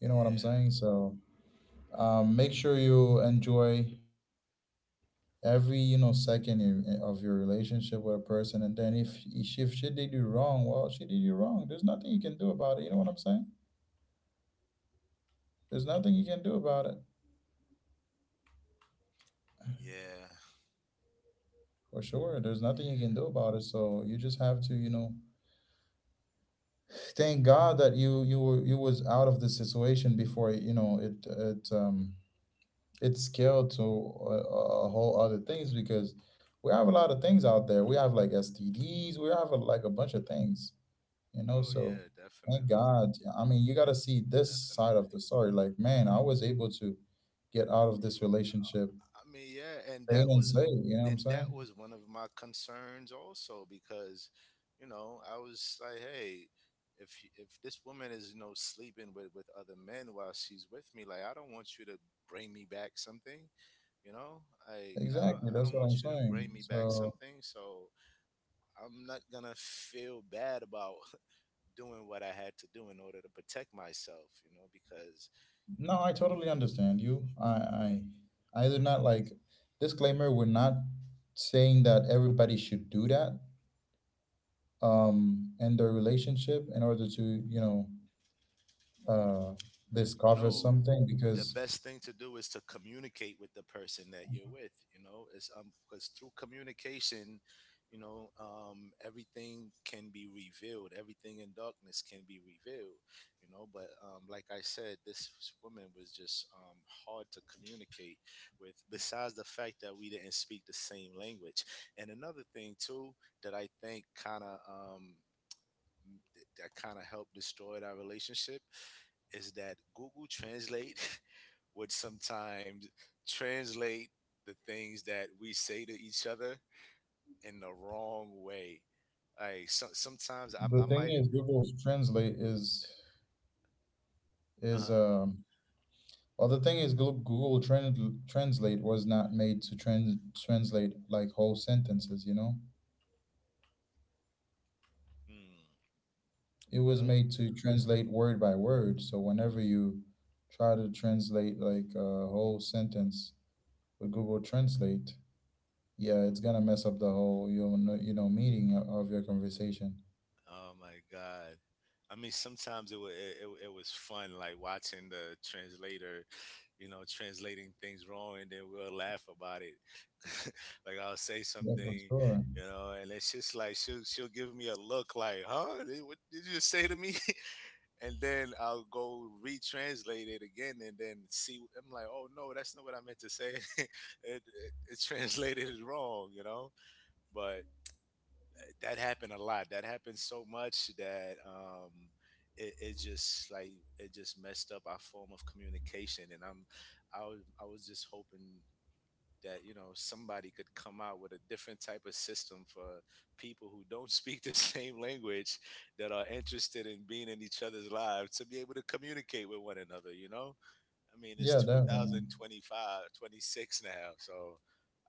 Speaker 1: You know what I'm
Speaker 2: Yeah.
Speaker 1: saying? So, make sure you enjoy every, you know, second of your relationship with a person, and then if if she did you wrong, well, she did you wrong. There's nothing you can do about it, you know what I'm saying? There's nothing you can do about it.
Speaker 2: Yeah,
Speaker 1: For sure, there's nothing you can
Speaker 2: yeah.
Speaker 1: do about it, so you just have to, you know, thank God that you was out of the situation before, you know, it scaled to a whole other things, because we have a lot of things out there. We have, like, STDs. We have like, a bunch of things, you know,
Speaker 2: Oh
Speaker 1: so
Speaker 2: yeah,
Speaker 1: thank
Speaker 2: definitely.
Speaker 1: God, I mean, you got to see this side of
Speaker 2: Definitely.
Speaker 1: the story, like, man, I was able to get out of this relationship
Speaker 2: I mean, yeah,
Speaker 1: sane and safe, you know what I'm
Speaker 2: and
Speaker 1: saying?
Speaker 2: that was one of my concerns also, because, you know, I was like, hey, if if this woman is, you know, sleeping with other men while she's with me, like I don't want you to bring me back something, you know? I I don't
Speaker 1: Exactly,
Speaker 2: I
Speaker 1: that's what
Speaker 2: don't
Speaker 1: I'm
Speaker 2: want you to
Speaker 1: saying,
Speaker 2: bring me back
Speaker 1: so.
Speaker 2: something, so I'm not going to feel bad about [laughs] doing what I had to do in order to protect myself, you know, because
Speaker 1: No, I totally understand you. I do not, like, disclaimer, we're not saying that everybody should do that, in their relationship in order to, you know, uh discover
Speaker 2: no,
Speaker 1: something,
Speaker 2: the
Speaker 1: because
Speaker 2: best thing to do is to communicate with the person that you're with. You know, it's because through communication, you know, everything can be revealed. Everything in darkness can be revealed. You know, but like I said, this woman was just hard to communicate with. Besides the fact that we didn't speak the same language, and another thing too that I think kind of that kind of helped destroy our relationship is that Google Translate [laughs] would sometimes translate the things that we say to each other in the wrong way. Like so, sometimes I,
Speaker 1: the
Speaker 2: I
Speaker 1: thing
Speaker 2: might,
Speaker 1: is, Google Translate is
Speaker 2: uh
Speaker 1: is
Speaker 2: huh.
Speaker 1: um Well, the thing is, Google Translate was not made to translate, like, whole sentences, you know?
Speaker 2: Hmm,
Speaker 1: It was
Speaker 2: well,
Speaker 1: made to translate word by word. So whenever you try to translate, like, a whole sentence with Google Translate, yeah, it's gonna mess up the whole, you know, meaning of your conversation.
Speaker 2: oh my God. I mean, sometimes it was it was fun, like watching the translator, you know, translating things wrong, and then we'll laugh about it. [laughs] Like I'll say
Speaker 1: Yeah, for
Speaker 2: something,
Speaker 1: sure.
Speaker 2: you know, and it's just like she'll give me a look, like, "Huh? Did- What did you just say to me?" [laughs] And then I'll go retranslate it again, and then see. I'm like, "Oh no, that's not what I meant to say. [laughs] it, it, it translated it wrong," you know. But that happened a lot. That happened so much that it just like it just messed up our form of communication. And I was just hoping that you know somebody could come out with a different type of system for people who don't speak the [laughs] same language that are interested in being in each other's lives to be able to communicate with one another, you know. I mean it's
Speaker 1: Yeah, definitely.
Speaker 2: 2025 26 now, so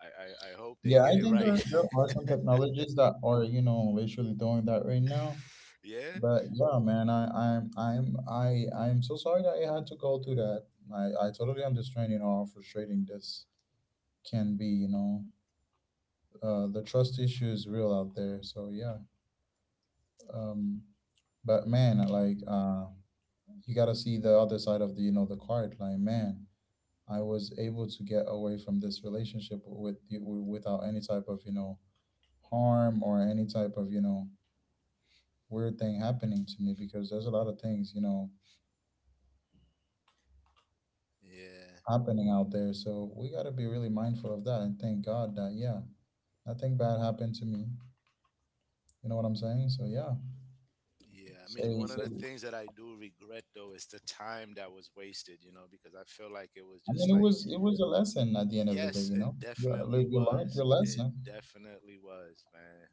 Speaker 2: i I hope they
Speaker 1: Yeah,
Speaker 2: get
Speaker 1: I
Speaker 2: it
Speaker 1: think
Speaker 2: right.
Speaker 1: there are some technologies that are, you know, literally doing that right now.
Speaker 2: [laughs] Yeah.
Speaker 1: But yeah, man, I'm so sorry that I had to go through that. I totally understand, you know, how frustrating this can be, you know. The trust issue is real out there. So yeah. Um but man, like, you gotta see the other side of the, you know, the card. Like, man, I was able to get away from this relationship with you without any type of, you know, harm or any type of, you know, weird thing happening to me, because there's a lot of things, you know,
Speaker 2: Yeah.
Speaker 1: happening out there. So we got to be really mindful of that, and thank God that, yeah, nothing bad happened to me. You know what I'm saying? So yeah,
Speaker 2: Yeah, I mean, one of the
Speaker 1: I
Speaker 2: things that I do regret though is the time that was wasted, you know, because I feel like it was
Speaker 1: mean,
Speaker 2: just like,
Speaker 1: it was a lesson at the end of the day,
Speaker 2: yes,
Speaker 1: you
Speaker 2: it
Speaker 1: know,
Speaker 2: definitely
Speaker 1: you learned
Speaker 2: was.
Speaker 1: your
Speaker 2: It
Speaker 1: lesson,
Speaker 2: definitely was, man.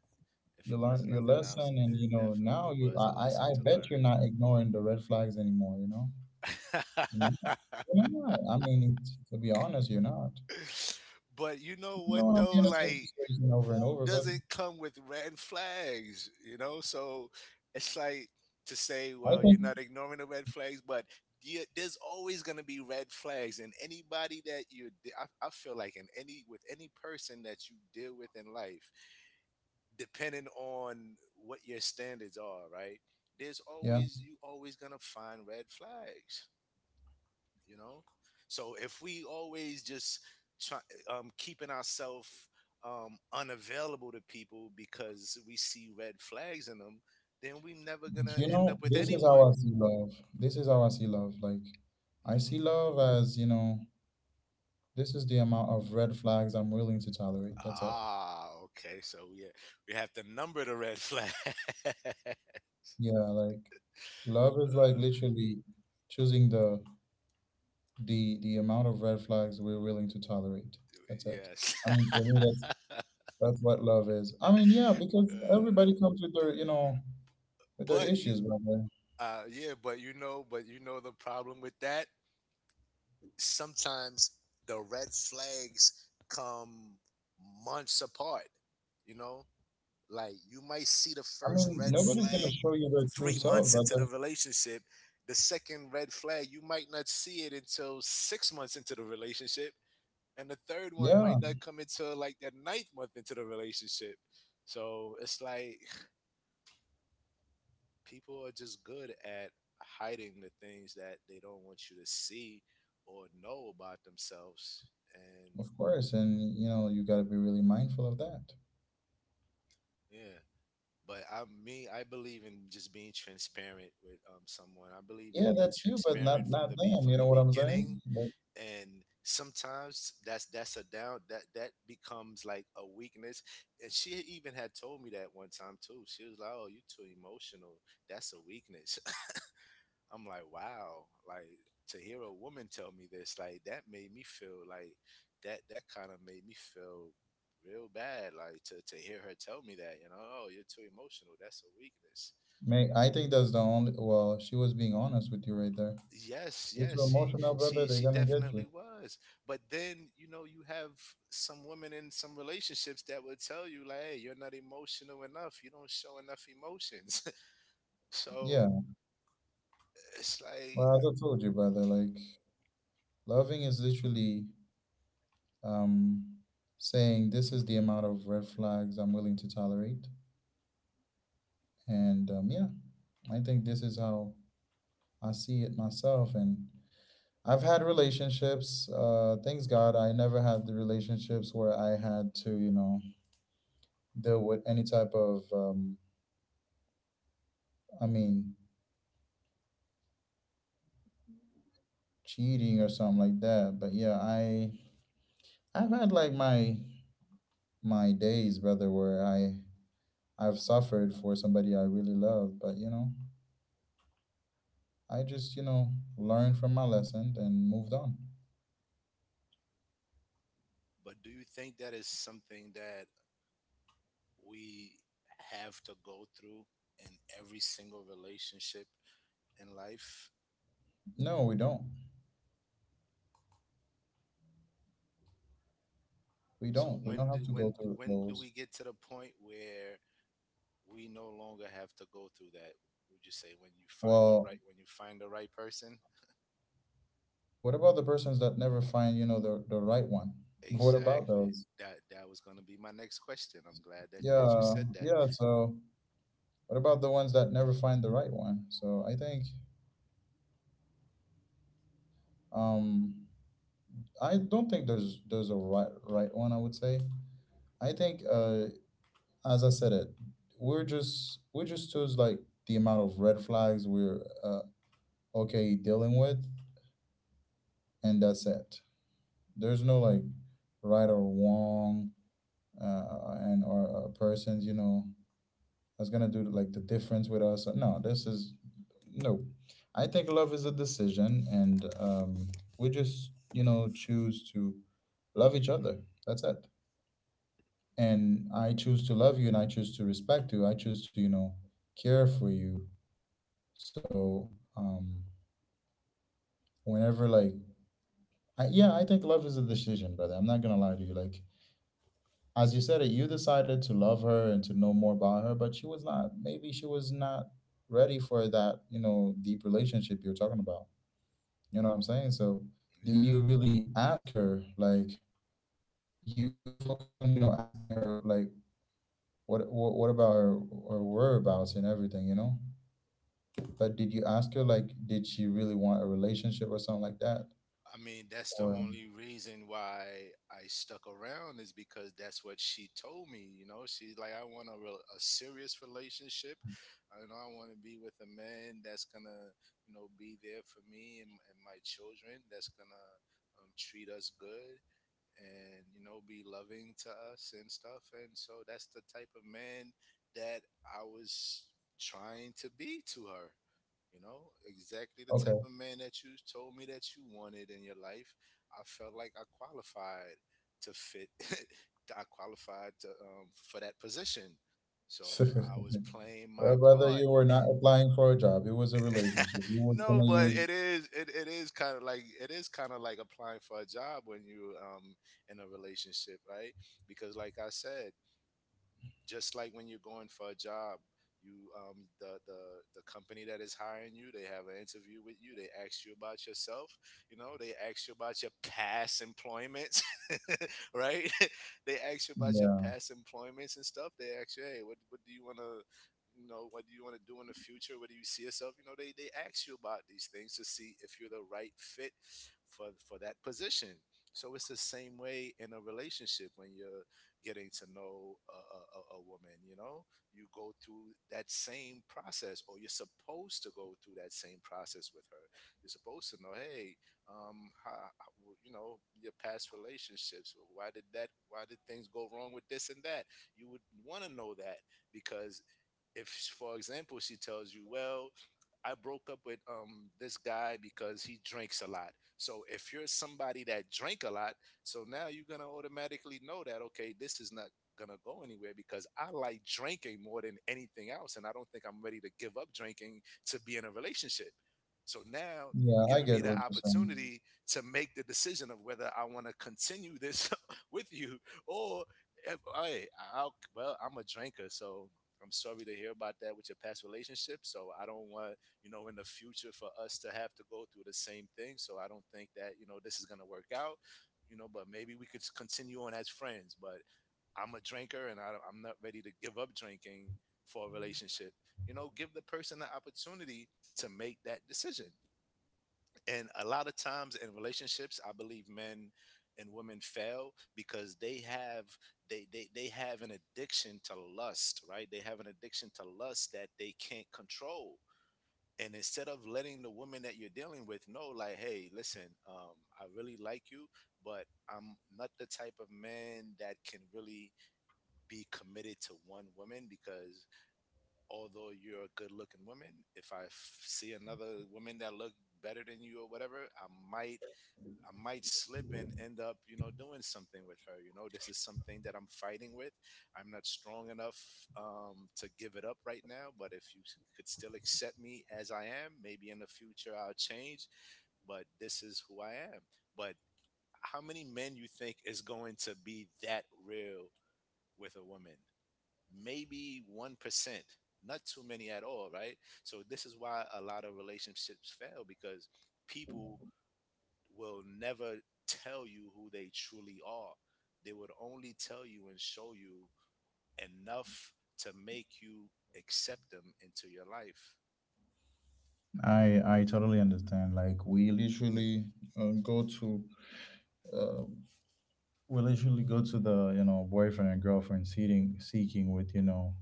Speaker 2: If
Speaker 1: you
Speaker 2: it
Speaker 1: learned
Speaker 2: wasn't
Speaker 1: your
Speaker 2: nothing else,
Speaker 1: lesson. And,
Speaker 2: it
Speaker 1: you know, now
Speaker 2: definitely
Speaker 1: you,
Speaker 2: was a lesson
Speaker 1: I bet you're not ignoring the red flags anymore, you know?
Speaker 2: to
Speaker 1: No,
Speaker 2: learn. [laughs]
Speaker 1: you're not. I mean, to be honest, you're not.
Speaker 2: [laughs] But you know
Speaker 1: You
Speaker 2: what
Speaker 1: don't want to be
Speaker 2: though,
Speaker 1: in the same
Speaker 2: like
Speaker 1: situation over and
Speaker 2: who
Speaker 1: over, brother.
Speaker 2: doesn't come with red flags, you know? So it's like to say,
Speaker 1: I
Speaker 2: well,
Speaker 1: think,
Speaker 2: you're not ignoring the red flags, but you, there's always going to be red flags and anybody that you I feel like in any with any person that you deal with in life depending on what your standards are, right? There's
Speaker 1: yeah.
Speaker 2: always, you always going to find red flags, you know? So if we always just try, keeping ourselves unavailable to people because we see red flags in them, then we never gonna
Speaker 1: You
Speaker 2: end
Speaker 1: know,
Speaker 2: up with
Speaker 1: this is how
Speaker 2: anyone.
Speaker 1: I see love. This is how I see love. Like, I
Speaker 2: Hmm.
Speaker 1: see love as, you know, this is the amount of red flags I'm willing to tolerate. That's it.
Speaker 2: Ah, okay, so yeah, we have to number the red flag. [laughs] uh,
Speaker 1: Yeah, like, love is, like, literally choosing the amount of red flags we're willing to tolerate. That's it.
Speaker 2: yes.
Speaker 1: I mean, for me, that's
Speaker 2: [laughs] uh,
Speaker 1: that's what love is. I mean, yeah, because everybody comes with their, you know, with their
Speaker 2: but you-
Speaker 1: issues, brother.
Speaker 2: yeah, but you know, but you know, the problem with that, sometimes the red flags come months apart. You know, like you might see the
Speaker 1: I
Speaker 2: first
Speaker 1: mean,
Speaker 2: red
Speaker 1: nobody's gonna
Speaker 2: flag
Speaker 1: show you their true
Speaker 2: three
Speaker 1: self,
Speaker 2: months into the
Speaker 1: brother.
Speaker 2: relationship. The second red flag, you might not see it until 6 months into the relationship. And the third one
Speaker 1: Yeah,
Speaker 2: might not come until like the ninth month into the relationship. So it's like people are just good at hiding the things that they don't want you to see or know about themselves. And
Speaker 1: of course, and, you know, you gotta be really mindful of that.
Speaker 2: yeah, but I me I believe in just being transparent with someone. I believe in
Speaker 1: Yeah,
Speaker 2: being
Speaker 1: that's you, but
Speaker 2: transparent
Speaker 1: not
Speaker 2: from
Speaker 1: not
Speaker 2: the be
Speaker 1: them.
Speaker 2: from
Speaker 1: You know
Speaker 2: the
Speaker 1: what I'm
Speaker 2: beginning,
Speaker 1: saying? Like,
Speaker 2: and sometimes that's a down that that becomes like a weakness. And she even had told me that one time too. She was like, "Oh, you are too emotional. That's a weakness." I'm like, wow, like to hear a woman tell me this, like that made me feel like that kind of made me feel real bad, like to hear her tell me that, you know, oh, you're too emotional. That's a weakness.
Speaker 1: may I think that's the only. Well, she was being honest with you right there.
Speaker 2: Yes,
Speaker 1: You're too
Speaker 2: yes, she
Speaker 1: emotional, brother.
Speaker 2: she
Speaker 1: They're
Speaker 2: she
Speaker 1: gonna get
Speaker 2: definitely
Speaker 1: you.
Speaker 2: was. But then, you know, you have some women in some relationships that would tell you like, "Hey, you're not emotional enough. You don't show enough emotions." [laughs] so,
Speaker 1: Yeah.
Speaker 2: it's like,
Speaker 1: Well, as I told you, brother, like, loving is literally, um saying this is the amount of red flags I'm willing to tolerate, and, yeah, I think this is how I see it myself. And I've had relationships. Thanks God, I never had the relationships where I had to, you know, deal with any type of I mean, cheating or something like that. But yeah, I've had, like, my days, brother, where I've suffered for somebody I really love, but, you know, I just, you know, learned from my lesson and moved on.
Speaker 2: but do you think that is something that we have to go through in every single relationship in life?
Speaker 1: No, we don't. We
Speaker 2: So
Speaker 1: don't. We
Speaker 2: when
Speaker 1: don't have
Speaker 2: do,
Speaker 1: to go through
Speaker 2: when do we
Speaker 1: those.
Speaker 2: get to the point where we no longer have to go through that? Would you say when you find the right,
Speaker 1: Well,
Speaker 2: when you find the right person?
Speaker 1: what about the persons that never find, you know, the right one? [laughs] What about
Speaker 2: Exactly.
Speaker 1: those?
Speaker 2: That was going to be my next question. I'm glad that you
Speaker 1: Yeah,
Speaker 2: said that.
Speaker 1: yeah, so what about the ones that never find the right one? So I think Um, I don't think there's a right one, I would say. I think, as I said it, we just choose like the amount of red flags we're okay dealing with, and that's it. There's no like right or wrong, and or a person that's gonna do like the difference with us. No, this is no. I think love is a decision, and we just choose to love each other. That's it. And I choose to love you, and I choose to respect you. I choose to, care for you. So, whenever like, yeah, I think love is a decision, brother. I'm not gonna lie to you. Like, as you said it, you decided to love her and to know more about her, but she was not. Maybe she was not ready for that, you know, deep relationship you're talking about. You know what I'm saying? So, did
Speaker 2: Yeah.
Speaker 1: you really ask her? Like, you focused on, you know, asking her like what about her whereabouts and everything, you know? But did you ask her, like, did she really want a relationship or something like that?
Speaker 2: I mean, that's the
Speaker 1: Or,
Speaker 2: only reason why I stuck around is because that's what she told me. You know, she's like, I want a real, a serious relationship. You know, I want to be with a man that's gonna, you know, be there for me and, my children. That's gonna treat us good and you know be loving to us and stuff. And so that's the type of man that I was trying to be to her. You know, exactly the type
Speaker 1: okay.
Speaker 2: of man that you told me that you wanted in your life. I felt like I qualified to fit. [laughs] I qualified to for that position. So I was
Speaker 1: [laughs]
Speaker 2: playing
Speaker 1: Or
Speaker 2: my
Speaker 1: whether
Speaker 2: part.
Speaker 1: you were not applying for a job, it was a relationship.
Speaker 2: [laughs]
Speaker 1: You were
Speaker 2: no,
Speaker 1: gonna
Speaker 2: but
Speaker 1: use,
Speaker 2: it is it, it is kind of like it is kind of like applying for a job when you in a relationship, right? Because like I said, just like when you're going for a job, you the company that is hiring you, they have an interview with you, they ask you about yourself, you know, they ask you about your past employments, [laughs] right? [laughs] they ask you about your
Speaker 1: yeah,
Speaker 2: past employments and stuff. They ask you, hey, what do you want to, you know, what do you want to do in the future, what do you see yourself, you know, they ask you about these things to see if you're the right fit for that position. So it's the same way in a relationship. When you're getting to know a woman, you know, you go through that same process, or you're supposed to go through that same process with her. You're supposed to know, hey, um how- you know, your past relationships, why did that why did things go wrong with this and that. You would want to know that, because if, for example, she tells you, well, I broke up with this guy because he drinks a lot. So if you're somebody that drink a lot, so now you're gonna automatically know that, okay, this is not gonna go anywhere because I like drinking more than anything else, and I don't think I'm ready to give up drinking to be in a relationship. So now you have
Speaker 1: yeah, I
Speaker 2: given me
Speaker 1: get what
Speaker 2: the
Speaker 1: you're saying.
Speaker 2: opportunity to make the decision of whether I want to continue this [laughs] with you, or if well, I'm a drinker, so I'm sorry to hear about that with your past relationship. So I don't want, you know, in the future for us to have to go through the same thing. So I don't think that, you know, this is gonna work out, you know, but maybe we could continue on as friends. But I'm a drinker, and I'm not ready to give up drinking for a relationship. You know, give the person the opportunity to make that decision. And a lot of times in relationships, I believe men and women fail because they have an addiction to lust, right? They have an addiction to lust that they can't control. And instead of letting the woman that you're dealing with know, like, hey, listen, I really like you, but I'm not the type of man that can really be committed to one woman because, although you're a good looking woman, if I see another woman that look better than you or whatever, I might slip and end up, you know, doing something with her. You know, this is something that I'm fighting with. I'm not strong enough to give it up right now, but if you could still accept me as I am, maybe in the future I'll change, but this is who I am. But how many men you think is going to be that real with a woman? Maybe 1%. Not too many at all, right? So this is why a lot of relationships fail, because people will never tell you who they truly are. They would only tell you and show you enough to make you accept them into your life.
Speaker 1: I totally understand. Like we literally go to uh, we literally go to the, you know, boyfriend and girlfriend, seeking with, you know,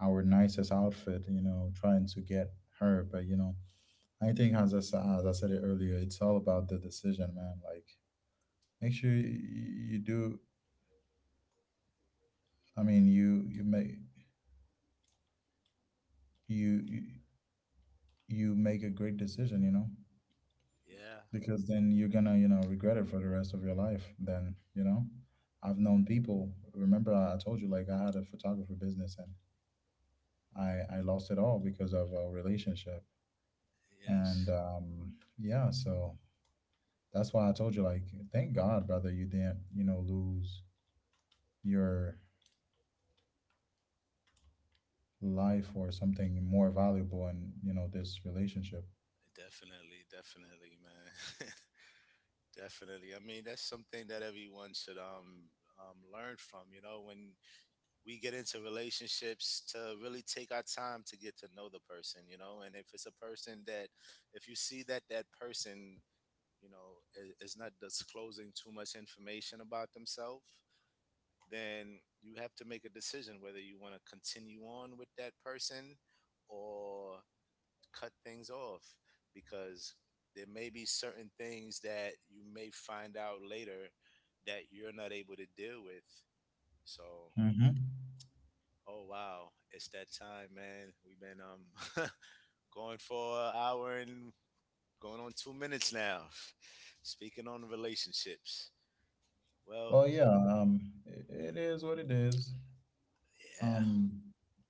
Speaker 1: our nicest outfit, you know, trying to get her. But you know, I think as as I said it earlier, it's all about the decision, man. Like make sure you do. I mean, you make you you make a great decision, you know,
Speaker 2: Yeah.
Speaker 1: because then you're gonna, you know, regret it for the rest of your life. Then you know, I've known people. Remember, I told you like I had a photography business, and I lost it all because of a relationship. And
Speaker 2: Yes.
Speaker 1: yeah, so that's why I told you like thank God, brother, you didn't, you know, lose your life or something more valuable in, you know, this relationship.
Speaker 2: Definitely, definitely, man. [laughs] definitely. I mean, that's something that everyone should learn from, you know, when we get into relationships, to really take our time to get to know the person, you know, and if it's a person that, if you see that person, you know, is not disclosing too much information about themselves, then you have to make a decision whether you want to continue on with that person or cut things off, because there may be certain things that you may find out later that you're not able to deal with. So,
Speaker 1: Hmm.
Speaker 2: oh wow, it's that time, man. We've been [laughs] going for an hour and going on 2 minutes now. [laughs] Speaking on relationships. Well,
Speaker 1: Well yeah, it, it is what it is.
Speaker 2: yeah.
Speaker 1: um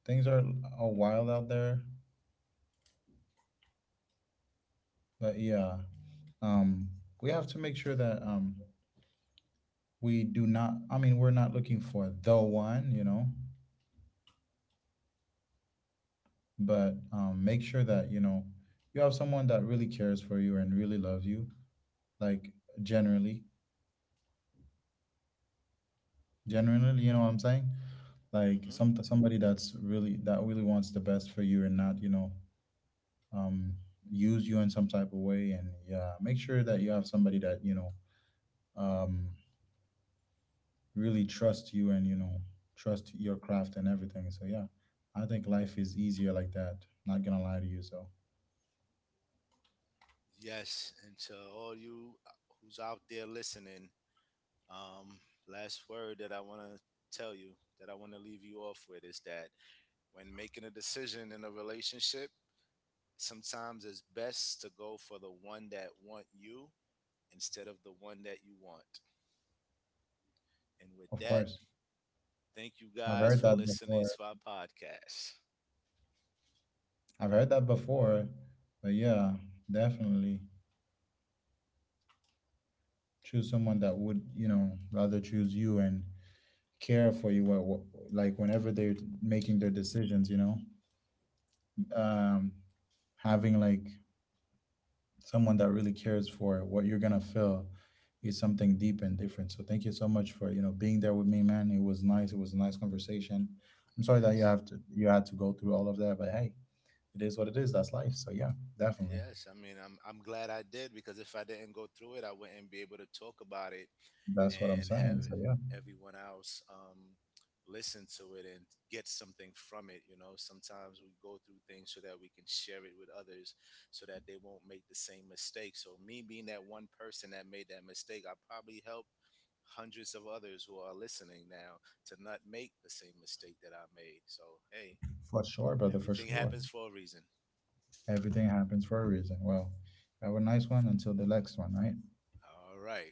Speaker 1: things are wild out there, but yeah, um we have to make sure that we do not, I mean, we're not looking for the one, you know, but make sure that, you know, you have someone that really cares for you and really loves you, like generally generally, you know what I'm saying, like
Speaker 2: Hmm.
Speaker 1: some somebody that's really that really wants the best for you, and not, you know, um use you in some type of way. And yeah, make sure that you have somebody that, you know, um really trust you and, you know, trust your craft and everything. So yeah, I think life is easier like that, not gonna lie to you. So
Speaker 2: Yes. And to all you who's out there listening, um, last word that I want to tell you, that I want to leave you off with is that when making a decision in a relationship, sometimes it's best to go for the one that want you instead of the one that you want. And with
Speaker 1: of
Speaker 2: that,
Speaker 1: course,
Speaker 2: thank you
Speaker 1: I've
Speaker 2: guys
Speaker 1: heard
Speaker 2: for
Speaker 1: that
Speaker 2: listening
Speaker 1: before.
Speaker 2: to our podcast.
Speaker 1: I've heard that before, but yeah, definitely choose someone that would, you know, rather choose you and care for you, like whenever they're making their decisions, you know, um having like someone that really cares for what you're gonna feel is something deep and different. So thank you so much for, you know, being there with me, man. It was nice, it was a nice conversation. I'm sorry that
Speaker 2: Yes.
Speaker 1: you had to go through all of that, but hey, it is what it is, that's life. So yeah, definitely.
Speaker 2: Yes, I mean, I'm glad I did, because if I didn't go through it, I wouldn't be able to talk about it
Speaker 1: That's what I'm
Speaker 2: and have
Speaker 1: saying. So yeah,
Speaker 2: everyone else listen to it and get something from it. You know, sometimes we go through things so that we can share it with others, so that they won't make the same mistake. So me being that one person that made that mistake, I probably helped hundreds of others who are listening now to not make the same mistake that I made. So, hey,
Speaker 1: for sure brother, for
Speaker 2: everything
Speaker 1: sure.
Speaker 2: happens for a reason.
Speaker 1: Everything happens for a reason. Well, have a nice one until the next one, right?
Speaker 2: All right.